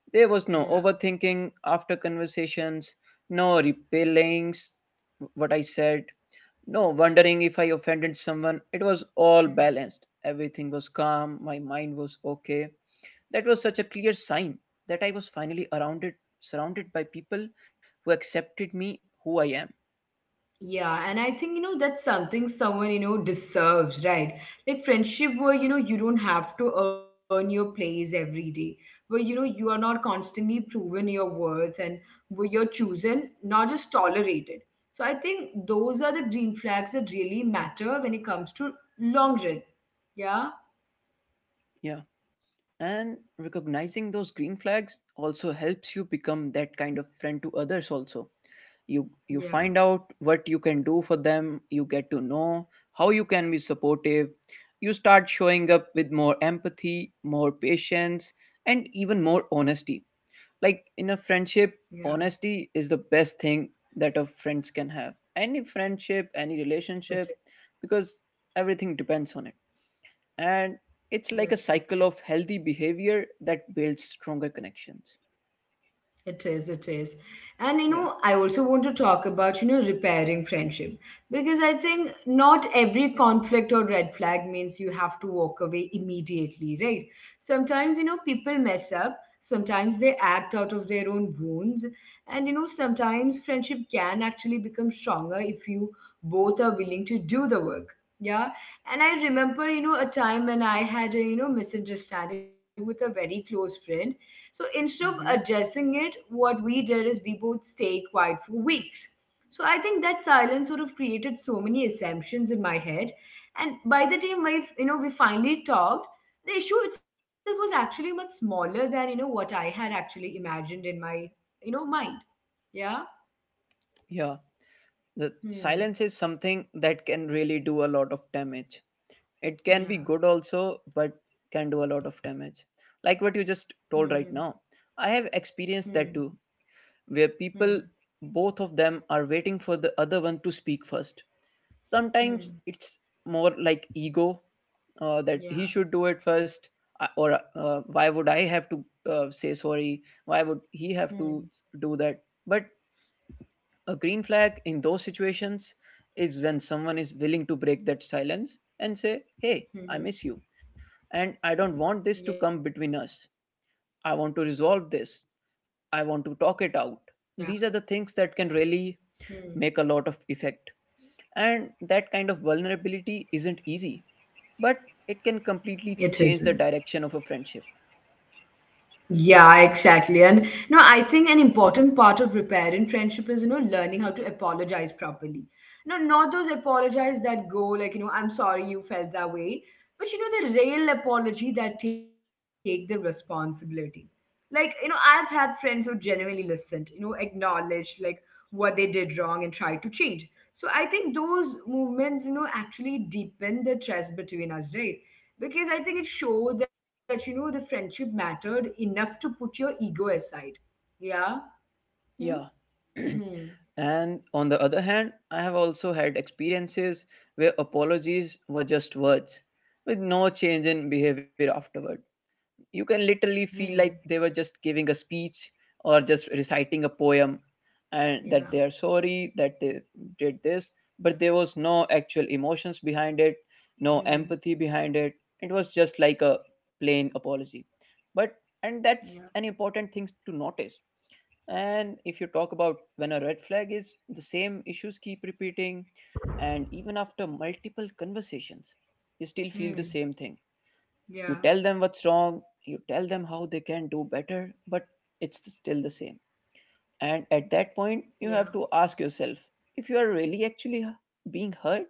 Yeah.
There was no overthinking after conversations, no repellings, what I said, no wondering if I offended someone. It was all
Hmm.
balanced. Everything was calm, my mind was okay. That was such a clear sign that I was finally surrounded by people who accepted me who I am.
Yeah, and I think, that's something someone, deserves, right? Like friendship where, you don't have to earn your place every day, where, you are not constantly proven your worth, and where you're chosen, not just tolerated. So I think those are the green flags that really matter when it comes to long run. Yeah.
Yeah. And
Hmm.
recognizing those green flags also helps you become that kind of friend to others also. You
Yeah.
you find out what you can do for them, you get to know how you can be supportive. You start showing up with more empathy, more patience, and even more honesty. Like in a
Yeah.
friendship, honesty is the best thing that a friends can have. Any friendship, any
That's it.
relationship, because everything depends on it, and it's
That's true.
like a cycle of healthy behavior that builds stronger connections.
It is, it is. And
Yeah.
I also want to talk about, repairing friendship, because I think not every conflict or red flag means you have to walk away immediately, right? Sometimes, people mess up, sometimes they act out of their own wounds, and sometimes friendship can actually become stronger if you both are willing to do the work. Yeah. And I remember, a time when I had a, misunderstanding with a very close friend, so instead of
Hmm.
addressing it, what we did is we both stayed quiet for weeks. So I think that silence sort of created so many assumptions in my head. And by the time my you know we finally talked, the issue itself was actually much smaller than what I had actually imagined in my mind. Yeah.
Yeah, the silence
Hmm.
is something that can really do a lot of damage. It can be
Yeah.
good also, but can do a lot of damage, like what you just
Hmm.
told right now. I have experienced
Hmm.
that too, where
Hmm.
people,
Hmm.
both of them are waiting for the other one to speak first. Sometimes
Hmm.
it's more like ego, that he should
Yeah.
do it first, or why would I have to say sorry, why would he have to
Hmm.
s- do that. But a green flag in those situations is when someone is willing to break that silence and say, hey,
Hmm.
I
Hmm.
miss you and I don't want this to
Yeah.
come between us. I want to resolve
Hmm.
this. I want to talk it out. These are the things that can
Hmm.
really make a lot of effect, and that kind of vulnerability isn't easy, but it can
It isn't.
completely change the direction of a friendship.
Yeah, exactly. And no,
Yeah.
I think an important part of repairing friendship is, learning how to apologize properly. No, not those apologies that go like, I'm sorry you felt that way, but the real apology that take the responsibility. Like, I've had friends who genuinely listened, acknowledged like what they did wrong and tried to change. So I think those movements, actually deepen the trust between us, right? Because I think it showed that the friendship mattered enough to put your ego aside. Yeah. Hmm.
Yeah.
Hmm.
And on the other hand, I have also had experiences where apologies were just words with no change in behavior afterward. You can literally feel
Hmm.
like they were just giving a speech or just reciting a poem, and that they are
Yeah.
sorry that they did this, but there was no actual emotions behind it, no empathy
Hmm.
behind it. It was just like a plain apology. But, and
Yeah.
that's an important thing to notice. And if you talk about when a red flag is the same issues keep repeating, and even after multiple conversations you still feel the same
Hmm.
thing. You tell them
Yeah.
what's wrong, you tell them how they can do better, but it's still the same. And at that
Yeah.
point, you have to ask yourself if you are really actually being hurt,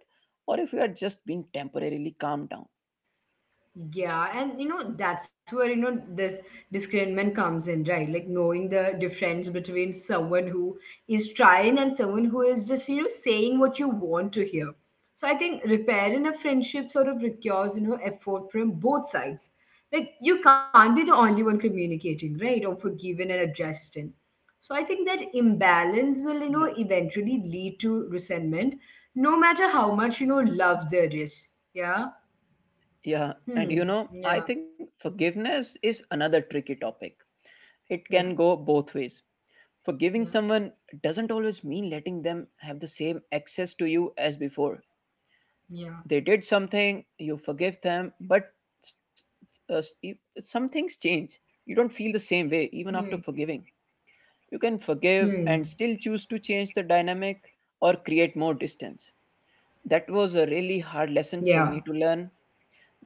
or if you are just being temporarily calmed down.
Yeah, and that's where this discernment comes in, right? Like knowing the difference between someone who is trying and someone who is just, saying what you want to hear. So I think repairing a friendship sort of requires, effort from both sides. Like you can't be the only one communicating, right? Or forgiving and adjusting. So I think that imbalance will,
Yeah.
eventually lead to resentment, no matter how much, love there is. Yeah.
Yeah. And
Hmm.
you know, I
Yeah.
think forgiveness is another tricky topic. It can
Yeah,
go both ways. Forgiving
yeah,
someone doesn't always mean letting them have the same access to you as before.
yeah.
They did something, you forgive them, but s- s- uh, s- e, some things change. You don't feel the same way
Hmm,
even after forgiving. You can
hmm,
forgive and still choose to change the dynamic or create more distance. That was a really
yeah,
hard lesson for me to learn,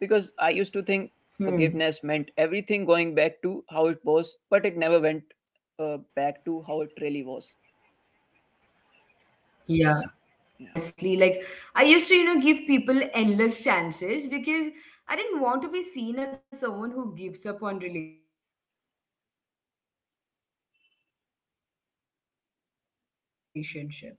because I used to
hmm,
think forgiveness meant everything going back to how it was, but it never went
yeah.
back to how it really was.
Yeah, I struggle with that too,
Yeah.
honestly. Like, I used to, give people endless chances because I didn't want to be seen as someone who gives up on relationship. Yeah, so even if, we are not in wrong, we are not at wrong,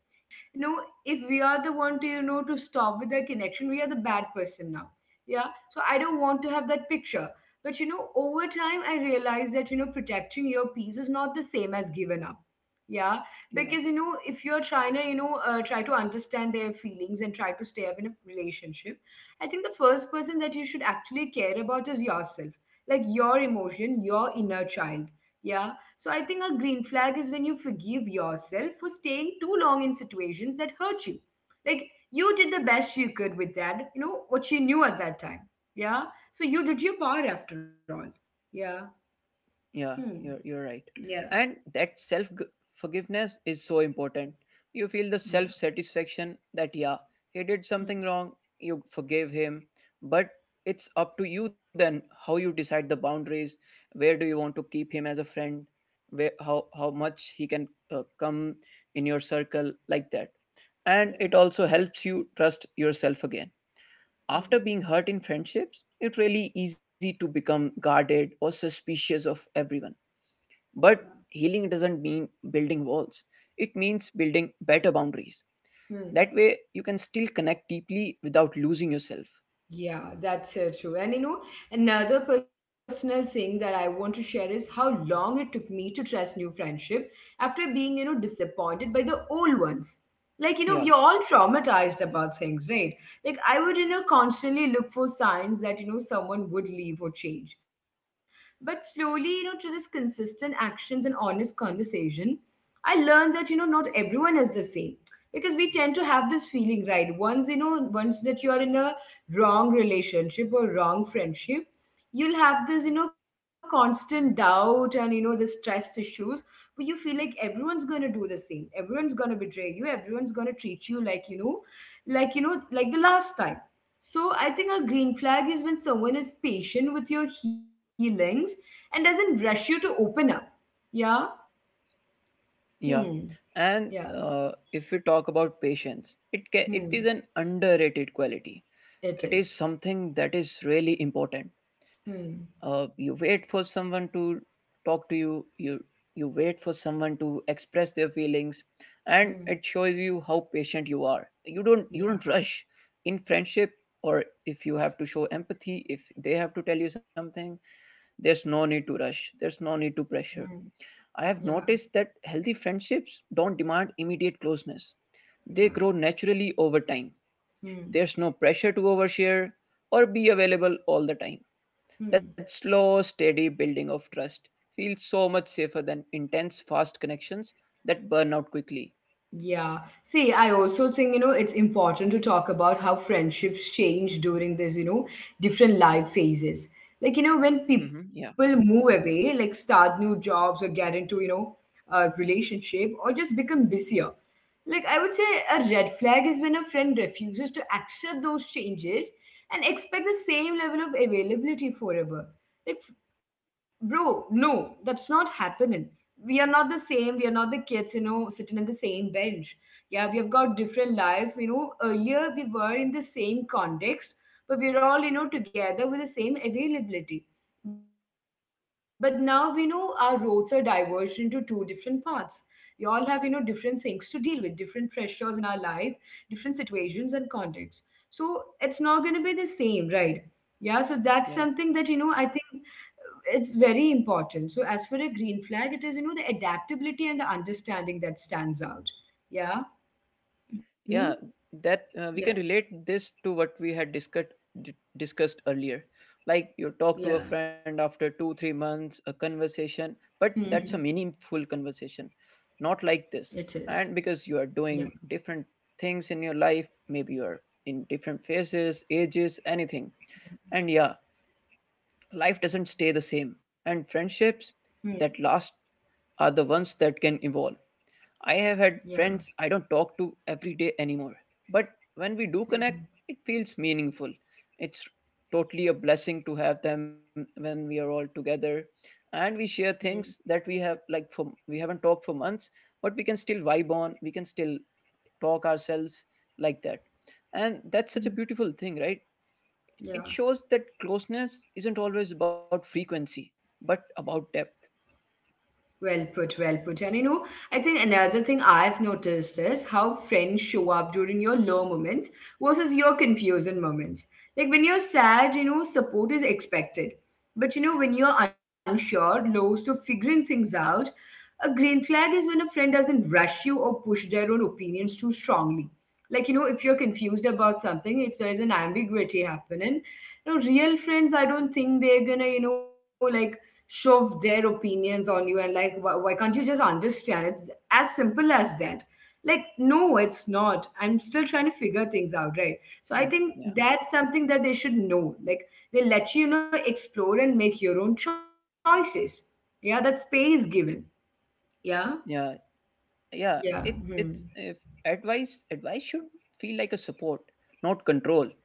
if we are the one to, to stop with the connection, we are the bad person now. Yeah, so I don't want to have that picture. But, over time, I realized that, protecting your peace is not the same as giving up. Yeah, because
Yeah.
if you're trying to, try to understand their feelings and try to stay up in a relationship, I think the first person that you should actually care about is yourself, like your emotion, your inner child. Yeah. So I think a green flag is when you forgive yourself for staying too long in situations that hurt you. Like you did the best you could with that, what you knew at that time. Yeah. So you did your part after all. Yeah. Hmm.
Yeah, you're right.
Yeah.
And that forgiveness is so important. You feel the
Yeah.
self satisfaction that, yeah, he did
Hmm.
something wrong, you forgave him, but it's up to you then how you decide the boundaries, where do you want to keep him as a friend, where how much he can come in your circle, like that. And
Yeah.
it also helps you trust yourself again. After
Hmm.
being hurt in friendships, it's really easy to become guarded or suspicious of everyone,
Yeah.
but healing doesn't mean building walls, it means building better boundaries.
Hmm.
That way, you can still connect deeply without losing yourself.
Yeah, that's so true. And another personal thing that I want to share is how long it took me to trust new friendship after being, disappointed by the old ones. Like, we're all
Yeah,
traumatized about things, right? Like, I would, constantly look for signs that, someone would leave or change. But slowly, you know, through this consistent actions and honest conversation, I learned that, you know, not everyone is the same because we tend to have this feeling, right? Once that you are in a wrong relationship or wrong friendship, you'll have this, you know, constant doubt and, you know, the stress issues where you feel like everyone's going to do the same, everyone's going to betray you, everyone's going to treat you like, you know, like, like the last time. So I think a green flag is when someone is patient with your healings and doesn't rush you to open up. Yeah.
yeah.
Hmm.
And
Yeah.
if we talk about patience, it
Hmm.
is an underrated quality.
It
It is
is.
something that is really important.
hmm
You wait for someone to talk to you, you wait for someone to express their feelings, and
Mm,
it shows you how patient you are. you don't you
yeah,
don't rush in friendship, or if you have to show empathy, if they have to tell you something, there's no need to rush, there's no need to
mm,
pressure. I
yeah,
have noticed that healthy friendships don't demand immediate closeness. They
yeah,
grow naturally over time.
mm,
There's no pressure to overshare or be available all the time. That
mm.
slow, steady building of trust feels so much safer than intense, fast connections that burn out quickly.
Yeah. See, I also think, you know, it's important to talk about how friendships change during this, you know, different life phases. Like, you know, when
Hmm. Yeah,
people move away, like start new jobs or get into, you know, a relationship or just become busier. Like, I would say a red flag is when a friend refuses to accept those changes and expect the same level of availability forever. Like, bro, no, that's not happening. We are not the same. We are not the kids, you know, sitting on the same bench. Yeah, we have got different life. You know, earlier we were in the same context, but we're all, you know, together with the same availability. But now we know our roads are diverged into two different paths. We all have, you know, different things to deal with, different pressures in our life, different situations and contexts. So it's not going to be the same, right? Yeah, so that's
yeah,
something that, you know, I think it's very important. So as for a green flag, it is, you know, the adaptability and the understanding that stands out. Yeah. Hmm.
yeah. That we
Yeah.
can relate this to what we had discussed earlier. Like you talk to
Yeah.
a friend after two, 3 months, a conversation, but
Mhm.
that's a meaningful conversation, not like
It
this.
is.
And because you are
Yeah.
doing different things in your life, maybe you are in different phases, ages, anything. And yeah, life doesn't stay the same, and friendships
Hmm.
that last are the ones that can evolve. I have had
Yeah.
friends I don't talk to every day anymore, but when we do
Mhm.
connect, it feels meaningful. It's totally a blessing to have them when we are all together, and we share things
Hmm.
that we have, like for we haven't talked for months, but we can still vibe on, we can still talk ourselves, like that. And that's such a
Hmm.
beautiful thing, right? It
Yeah.
shows that closeness isn't always about frequency, but about depth.
Well put, well put. And you know, I think another thing I've noticed is how friends show up during your low moments versus your confusing moments. Like when you're sad, you know, support is expected. But you know, when you're unsure, lost, or figuring things out, a green flag is when a friend doesn't rush you or push their own opinions too strongly. Like, you know, if you're confused about something, if there is an ambiguity happening, you know, real friends, I don't think they're gonna, you know, like shove their opinions on you and like, why, can't you just understand, it's as simple as that. Like no, it's not, I'm still trying to figure things out, right? So I
Mm,
think
yeah,
that's something that they should know. Like, they let you, you know, explore and make your own choices. Yeah, that space given. Yeah.
yeah,
Yeah.
yeah. It,
Hmm.
it's if advice should feel like a support, not control.
Hmm.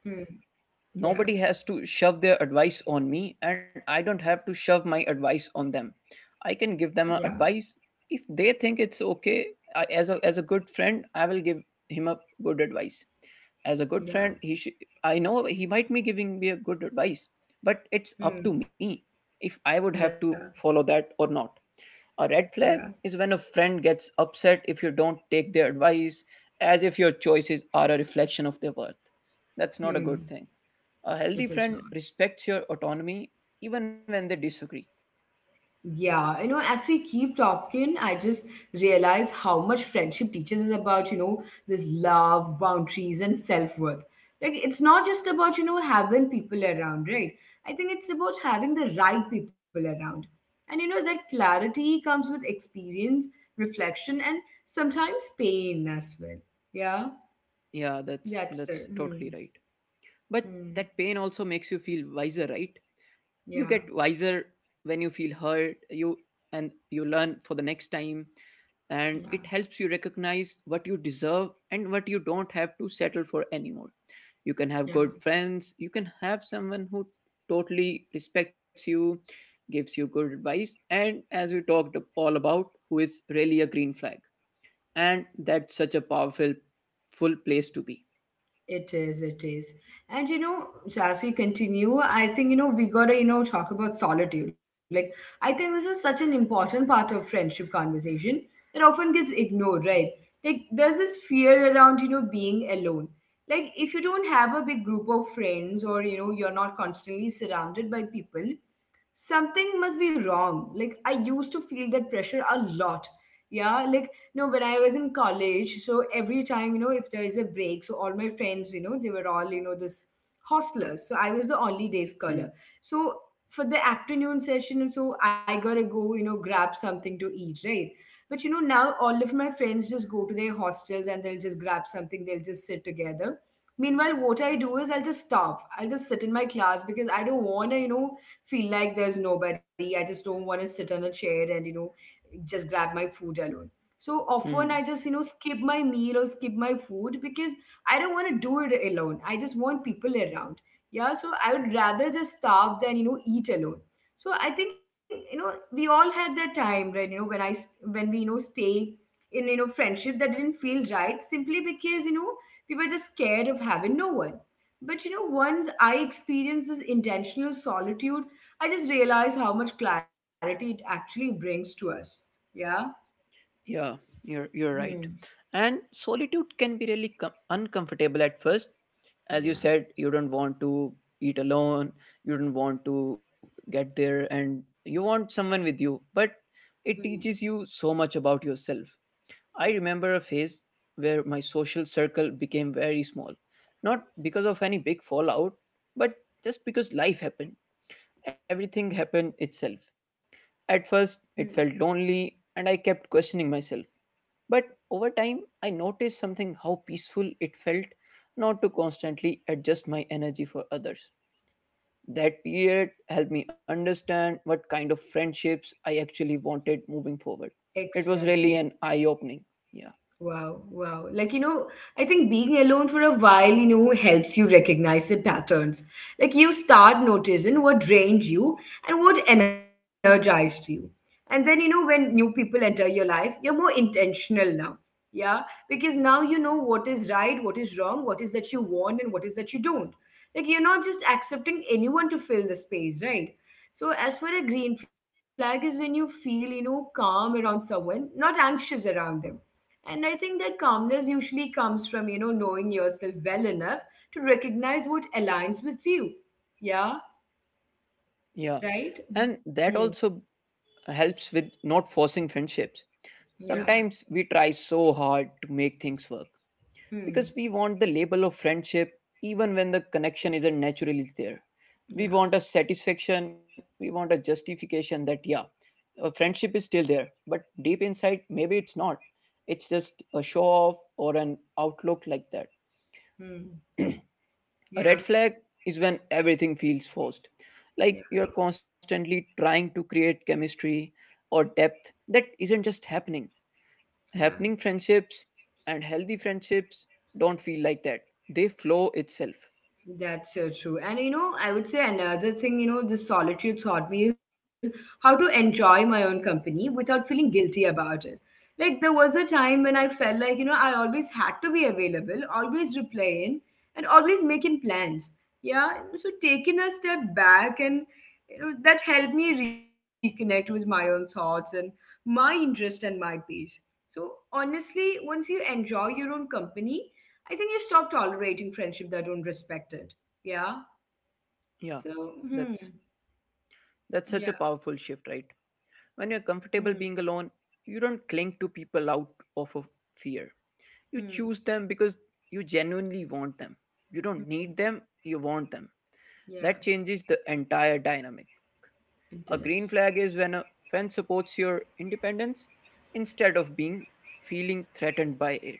Yeah.
Nobody has to shove their advice on me, and I don't have to shove my advice on them. I can give them
Yeah.
a advice if they think it's okay. I, as a good friend, I will give him a good advice. As a good
Yeah.
friend he should. I know he might be giving me a good advice, but it's up to
Hmm.
me if I would have to
Yeah.
follow that or not. A red
Yeah.
flag is when a friend gets upset if you don't take their advice, as if your choices are a reflection of their worth. That's not a
Hmm.
good thing. A
It
healthy
is
friend
not.
respects your autonomy even when they disagree.
Yeah, you know, as we keep talking, I just realize how much friendship teaches us about, you know, this love, boundaries, and self-worth. Like, it's not just about, you know, having people around, right? I think it's about having the right people around. And, you know, that clarity comes with experience, reflection, and sometimes pain as well. Yeah,
yeah that's
that's
that's
it. Hmm.
totally right. But
Hmm.
that pain also makes you feel wiser, right? You get
Yeah,
wiser when you feel hurt, you, and you learn for the next time, and it
yeah,
helps you recognize what you deserve and what you don't have to settle for anymore. You can have good
yeah.
friends, you can have someone who totally respects you, gives you good advice, and as we talked all about, who is really a green flag. And that's such a powerful full place to be.
It is, it is. And you know, so as we continue, I think, you know, we gotta, you know, talk about solitude. Like, I think this is such an important part of friendship conversation that often gets ignored, right? Like, there's this fear around, you know, being alone. Like, if you don't have a big group of friends or, you know, you're not constantly surrounded by people, something must be wrong. Like, I used to feel that pressure a lot. Yeah, like no, when I was in college, so every time, you know, if there is a break, so all my friends, you know, they were all, you know, this hostlers. So I was the only day
Hmm.
scholar. So for the afternoon session, so I gotta go, you know, grab something to eat, right? But you know, now all of my friends just go to their hostels and they'll just grab something, they'll just sit together. Meanwhile, what I do is I'll just starve. I'll just sit in my class because I don't wanna, you know, feel like there's nobody. I just don't want to sit on a chair and, you know, just grab my food alone. So often I
Hmm.
just, you know, skip my meal or skip my food because I don't want to do it alone. I just want people around. Yeah. So I would rather just starve than, you know, eat alone. So I think, you know, we all had that time, right? You know, when we, you know, stay in, you know, friendship that didn't feel right simply because, you know, we were just scared of having no one. But you know, once I experienced this intentional solitude, I just realized how much clarity it actually brings to us. Yeah.
Yeah, you're right.
Hmm.
And solitude can be really uncomfortable at first. As you
Yeah.
said, you don't want to eat alone, you don't want to get there and you want someone with you, but
Hmm.
it teaches you so much about yourself. I
Yeah.
remember a phase where my social circle became very small. Not because of any big fallout, but just because life happened. Everything happened itself. At
Hmm.
first, it felt lonely and I kept questioning myself, but over time, I noticed something, how peaceful it felt not to constantly adjust my energy for others. That period helped me understand what kind of friendships I actually wanted moving forward. It was
Exactly.
really an eye opening. Yeah.
Wow, wow. Like, you know, I think being alone for a while, you know, helps you recognize the patterns. Like, you start noticing what drained you and what energized you. And then, you know, when new people enter your life, you're more intentional now. Yeah. Because now you know what is right, what is wrong, what is that you want, and what is that you don't. Like, you're not just accepting anyone to fill the space, right? So, as for a green flag, is when you feel, you know, calm around someone, not anxious around them, and I think that calmness usually comes from, you know, knowing yourself well enough to recognize what aligns with you. Yeah,
Yeah.
right?
And
Hmm.
that also helps with not forcing friendships.
Yeah.
Sometimes we try so hard to make things work,
Hmm.
because we want the label of friendship even when the connection isn't naturally there. We
Yeah.
want a satisfaction, we want a justification that, yeah, a friendship is still there, but deep inside, maybe it's not. It's just a show off or an outlook, like that.
Hmm.
A
Yeah.
red flag is when everything feels forced,
Yeah.
like you're constantly trying to create chemistry or depth that isn't just happening.
Yeah.
Happening friendships and healthy friendships don't feel like that. They flow itself.
That's so true. And you know, I would say another thing, you know, the solitude taught me is how to enjoy my own company without feeling guilty about it. Like, there was a time when I felt like, you know, I always had to be available, always replying, and always making plans. Yeah. So, taking a step back and, you know, that helped me reconnect with my own thoughts and my interest and my peace. So, honestly, once you enjoy your own company, I think you stop tolerating friendship that don't respect it. Yeah.
Yeah,
So. Hmm.
that's that's such a
Yeah.
powerful shift, right? When you're
Hmm.
comfortable being alone, you don't cling to people out of a fear. You
Hmm.
choose them because you genuinely want them. You don't need them, you want them. That
Yeah.
changes the entire dynamic. A
It
green flag
does.
is when a friend supports your independence instead of being feeling threatened by it.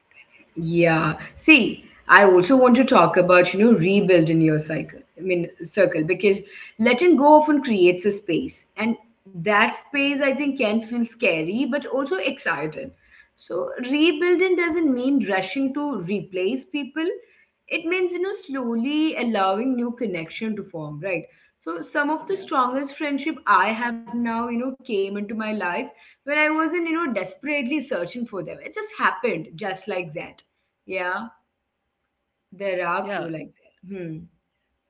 Yeah. See, I also want to talk about, you know, rebuilding your cycle. I mean, circle, because letting go often creates a space. And that space, I think, can feel scary, but also excited. So, rebuilding doesn't mean rushing to replace people. It means, you know, slowly allowing new connection to form, right? So, some of the
Yeah.
strongest friendship I have now, you know, came into my life when I wasn't, you know, desperately searching for them. It just happened just like that. Yeah, there are
Yeah,
few like that. Hmm.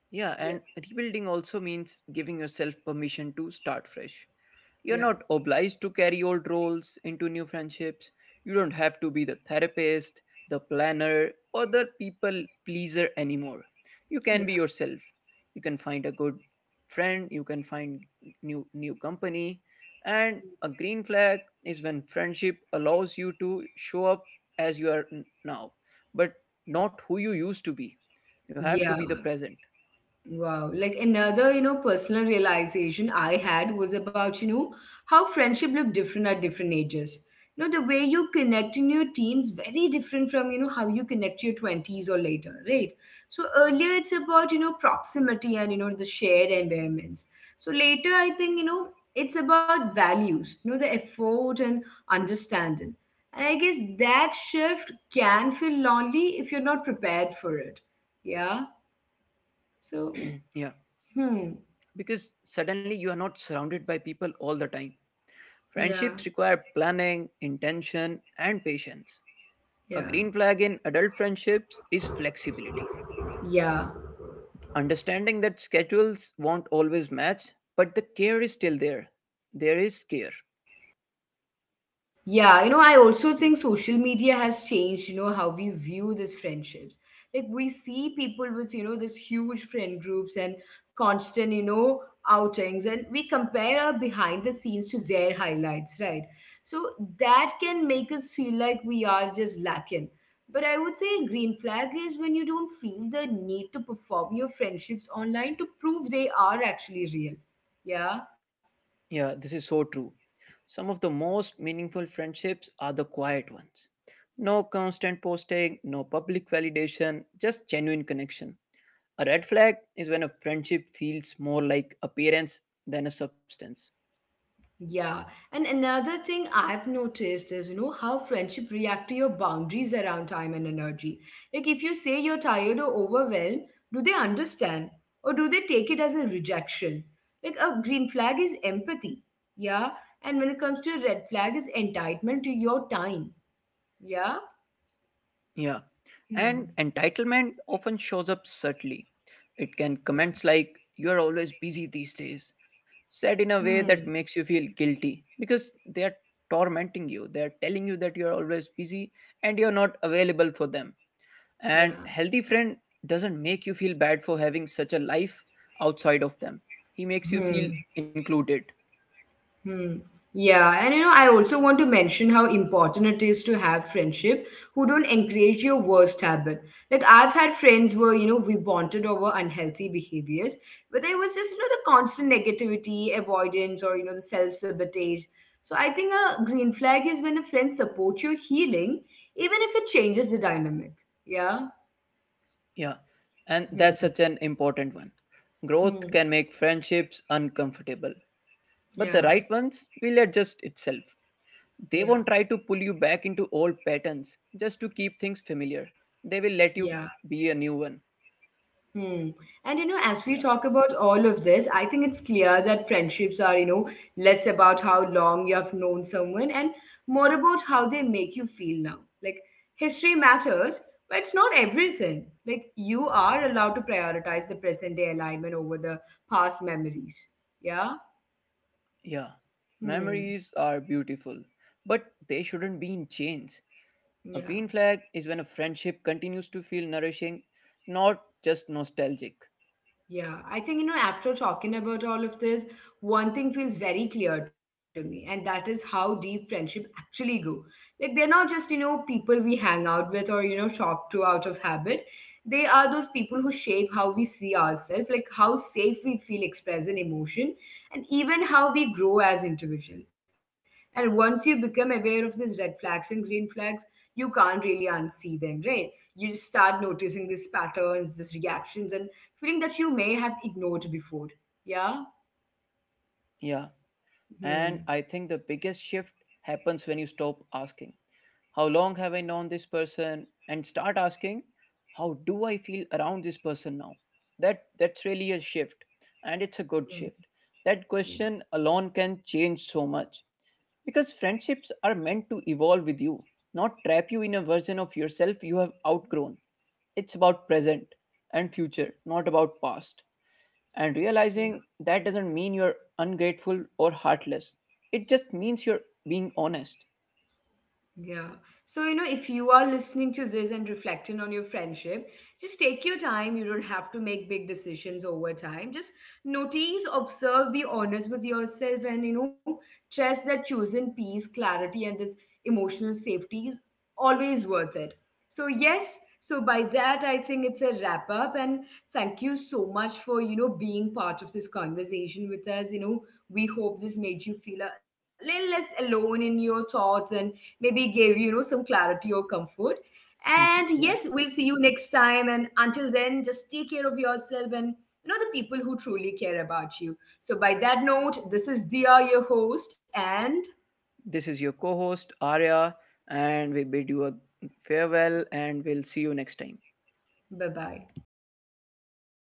Yeah, and
Yeah,
rebuilding also means giving yourself permission to start fresh. You're
yeah,
not obliged to carry old roles into new friendships. You don't have to be the therapist, the planner, or the people pleaser anymore. You can be
yeah,
yourself. You can find a good friend, you can find new company, and a green flag is when friendship allows you to show up as you are now, but not who you used to be. You have to
yeah.
be the present.
Wow. Like another, you know, personal realization I had was about, you know, how friendship look different at different ages. You know, the way you connect in your teens very different from, you know, how you connect to your 20s or later, right? So earlier it's about, you know, proximity and, you know, the shared environments. So later I think, you know, it's about values, you know, the effort and understanding. And I guess that shift can feel lonely if you're not prepared for it. Yeah. So,
Yeah,
hmm.
because suddenly you are not surrounded by people all the time.
Yeah,
Friendships require planning, intention, and patience. A
yeah,
green flag in adult friendships is flexibility.
yeah,
Understanding that schedules won't always match, but the care is still there. There is care.
yeah. You know, I also think social media has changed, you know, how we view these friendships. Like, we see people with, you know, these huge friend groups and constant, you know, outings, and we compare our behind the scenes to their highlights, right? So that can make us feel like we are just lacking. But I would say a green flag is when you don't feel the need to perform your friendships online to prove they are actually real. Yeah.
Yeah, this is so true. Some of the most meaningful friendships are the quiet ones. No constant posting, no public validation, just genuine connection. A red flag is when a friendship feels more like appearance than a substance.
Yeah, and another thing I've noticed is, you know, how friendship react to your boundaries around time and energy. Like if you say you're tired or overwhelmed, do they understand or do they take it as a rejection? Like a green flag is empathy. Yeah, and when it comes to red flag is entitlement to your time. Yeah.
Yeah, and
Hmm.
entitlement often shows up subtly. It can
Yeah.
comments like, you are always busy these days, said in a way
Hmm.
that makes you feel guilty because they are tormenting you. They are telling you that you are always busy and you're not available for them. And
Yeah.
healthy friend doesn't make you feel bad for having such a life outside of them. He makes you
Hmm.
feel included.
Hmm. Yeah, and you know, I also want to mention how important it is to have friendship who don't encourage your worst habit. Like I've had friends where you know we bonded over unhealthy behaviors, but there was just, you know, the constant negativity, avoidance, or you know the self sabotage. So I think a green flag is when a friend supports your healing, even if it changes the dynamic. Yeah.
Yeah, and
Hmm.
that's such an important one.
Hmm.
Growth can make friendships uncomfortable, but the
Yeah.
right ones will adjust itself. They
Yeah.
won't try to pull you back into old patterns just to keep things familiar. They will let
Yeah.
you be a new one.
Hmm. And you know, as we talk
Yeah.
about all of this, I think it's clear that friendships are, you know, less about how long you have known someone and more about how they make you feel now. Like, history matters, but it's not everything. Like, you are allowed to prioritize the present day alignment over the past memories. Yeah?
Yeah.
Hmm.
Memories are beautiful, but they shouldn't be in chains. A
Yeah.
green flag is when a friendship continues to feel nourishing, not just nostalgic.
Yeah, I think, you know, after talking about all of this, one thing feels very clear to me, and that is how deep friendship actually go. Like they're not just, you know, people we hang out with or, you know, talk to out of habit. They are those people who shape how we see ourselves, like how safe we feel expressing emotion, and even how we grow as individual. And once you become aware of these red flags and green flags, you can't really unsee them, right? You start noticing these patterns, these reactions, and feeling that you may have ignored before. Yeah?
Yeah. And
Hmm.
I think the biggest shift happens when you stop asking how long have I known this person, and start asking, how do I feel around this person now? That's really a shift, and it's a good
Hmm.
shift. That
Yeah.
question alone can change so much, because friendships are meant to evolve with you, not trap you in a version of yourself you have outgrown. It's about present and future, not about past. And
Yeah.
realizing that doesn't mean you're ungrateful or heartless. It just means you're being honest.
Yeah. So, you know, if you are listening to this and reflecting on your friendship, just take your time. You don't have to make big decisions over time. Just notice, observe, be honest with yourself, and, you know, trust that choosing peace, clarity, and this emotional safety is always worth it. So, yes. So, by that, I think it's a wrap up. And thank you so much for, you know, being part of this conversation with us. You know, we hope this made you feel a little less alone in your thoughts and maybe gave you, you know, some clarity or comfort. And yes,
Yeah.
we'll see you next time. And until then, just take care of yourself and, you know, the people who truly care about you. So, by that note, this is Dia, your host, and
This is your co host, Arya, and we bid you a farewell and we'll see you next time. Bye.
bye bye.